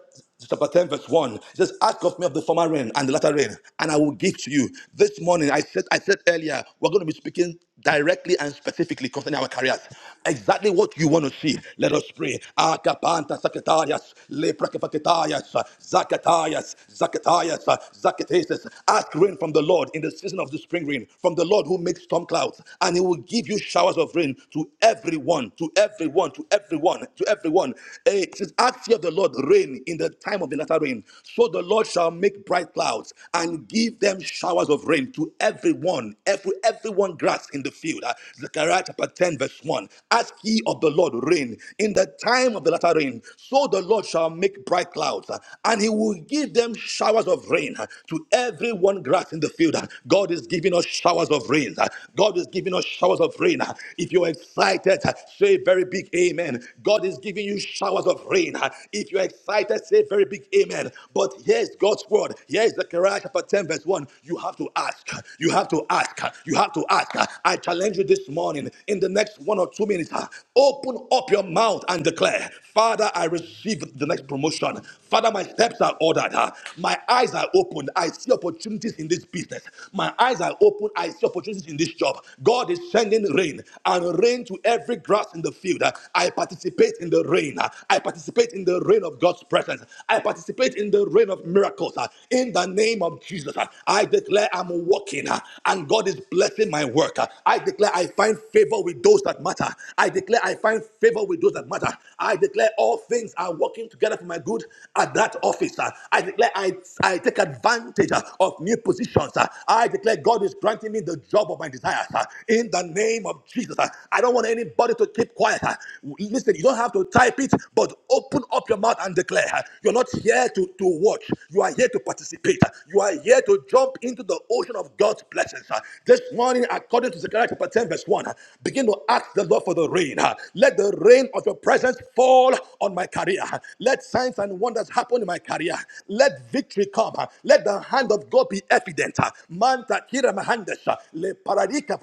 Chapter 10, verse 1. It says, Ask of me of the former rain and the latter rain, and I will give to you. This morning, I said, I said earlier, we're going to be speaking directly and specifically concerning our careers. Exactly what you want to see. Let us pray. Akapanta sakatarias, leprakapakatarias, zakatarias, zakatarias, zakatesis. Ask rain from the Lord in the season of the spring rain, from the Lord who makes storm clouds, and he will give you showers of rain to everyone everyone, to everyone, to everyone, to everyone. Eh, It says, Ask ye of the Lord rain in the time of the latter rain. So the Lord shall make bright clouds and give them showers of rain to everyone, every everyone grass in the field. Ah, Zechariah chapter 10, verse 1. Ask ye of the Lord rain in the time of the latter rain. So the Lord shall make bright clouds ah, and he will give them showers of rain ah, to everyone grass in the field. Ah, God is giving us showers of rain. Ah, God is giving us showers of rain. Ah, If you're excited, excited, say very big amen. God is giving you showers of rain. If you're excited, say very big amen. But here's God's word. Here's Zechariah chapter 10, verse 1. You have to ask. You have to ask. You have to ask. I challenge you this morning in the next one or two minutes. Open up your mouth and declare, Father, I receive the next promotion. Father, my steps are ordered. My eyes are opened. I see opportunities in this business. My eyes are open. I see opportunities in this job. God is sending rain and rain to every grass in the field. I participate in the rain. I participate in the rain of God's presence. I participate in the rain of miracles. In the name of Jesus, I declare I'm walking and God is blessing my work. I declare I find favor with those that matter. I declare I find favor with those that matter. I declare all things are working together for my good at that office. I declare I, I take advantage of new positions. I declare God is granting me the job of my desires. In the the name of Jesus. Uh, I don't want anybody to keep quiet. Uh, Listen, you don't have to type it, but open up your mouth and declare. Uh, You're not here to, to watch, you are here to participate. Uh, You are here to jump into the ocean of God's blessings. Uh, This morning, according to Zechariah chapter 10, verse 1, uh, begin to ask the Lord for the rain. Uh, Let the rain of your presence fall on my career. Uh, Let signs and wonders happen in my career. Let victory come. Uh, Let the hand of God be evident. Uh, Manta kira mahandesha, le paradika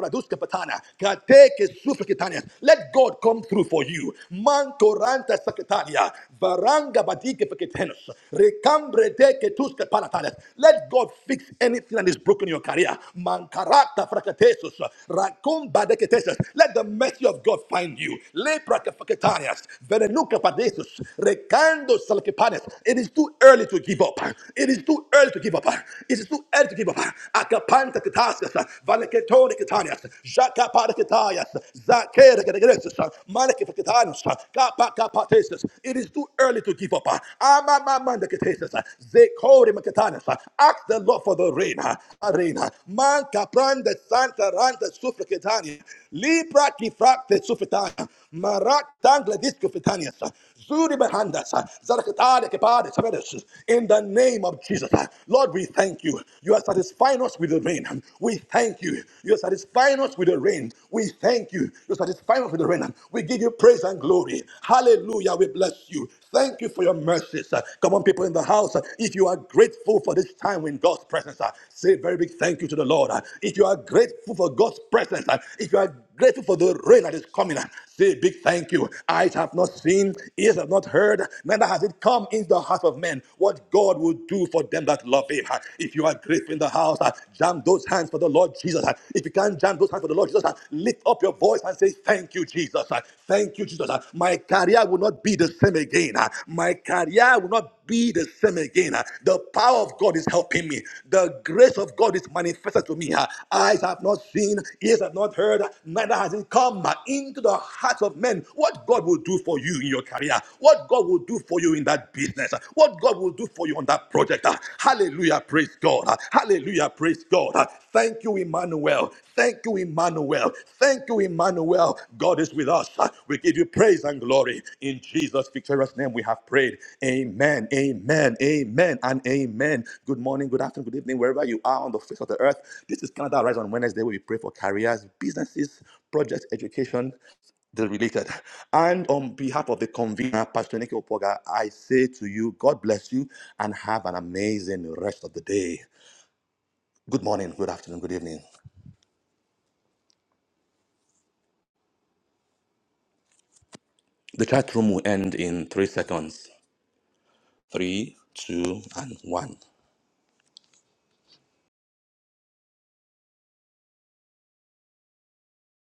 let God come through for you. Mantoranta Sakatania, Varanga Badike Peketenos, Recambre Deke Tuska Palatales. Let God fix anything that is broken in your career. Mankarata Frakatesus, Rakumba Deketesus. Let the mercy of God find you. Lepra Kapaketanias, Verenuka Padesus, Recando Salkipanes. It is too early to give up. It is too early to give up. It is too early to give up. Akapanta Ketasus, Ketonic Jaka Parakitayas, Zakere, Manikitayas, Kapa Kapatesis. It is too early to give up. Ama Mamandakatesis, Zekori Makitanas. Ask the Lord for the rain, Arena, Manka Pranda Santa Randa Sufrikitani, Libra Kifrakte Sufritana. Marak tangle disco fitanias. uh, Zuri behandas. Zarakatade kepade sabedes. In the name of Jesus. uh, Lord, we thank you. You are satisfying us with the rain. We thank you. You are satisfying us with the rain. We thank you. You are satisfying us with the rain. We give you praise and glory. Hallelujah. We bless you. Thank you for your mercies. Uh, Come on, people in the house. uh, If you are grateful for this time in God's presence, uh, say a very big thank you to the Lord. Uh, If you are grateful for God's presence, uh, if you are grateful for the rain that is coming, uh, Say a big thank you. Eyes have not seen, ears have not heard, neither has it come into the heart of men what God will do for them that love Him. Uh, If you are grateful in the house, uh, jam those hands for the Lord Jesus. Uh, If you can't jam those hands for the Lord Jesus, uh, lift up your voice and say, Thank you, Jesus. Uh, Thank you, Jesus. Uh, My career will not be the same again. Uh, My career will not be the same again. Uh, The power of God is helping upon me. The grace of God is manifested to me. Eyes have not seen, ears have not heard, neither has it come into the hearts of men. What God will do for you in your career, what God will do for you in that business, what God will do for you on that project. Hallelujah, praise God. Hallelujah, praise God. Thank you, Emmanuel. Thank you, Emmanuel. Thank you, Emmanuel. God is with us. We give you praise and glory. In Jesus' victorious name, we have prayed. Amen, amen, amen, and amen. Good morning, good afternoon, good evening, wherever you are on the face of the earth. This is Canada Rise on Wednesday, where we pray for careers, businesses, projects, education, the related. And on behalf of the convener, Pastor Nick Opoga, I say to you, God bless you and have an amazing rest of the day. Good morning, good afternoon, good evening. The chat room will end in three seconds. Three, two, and one.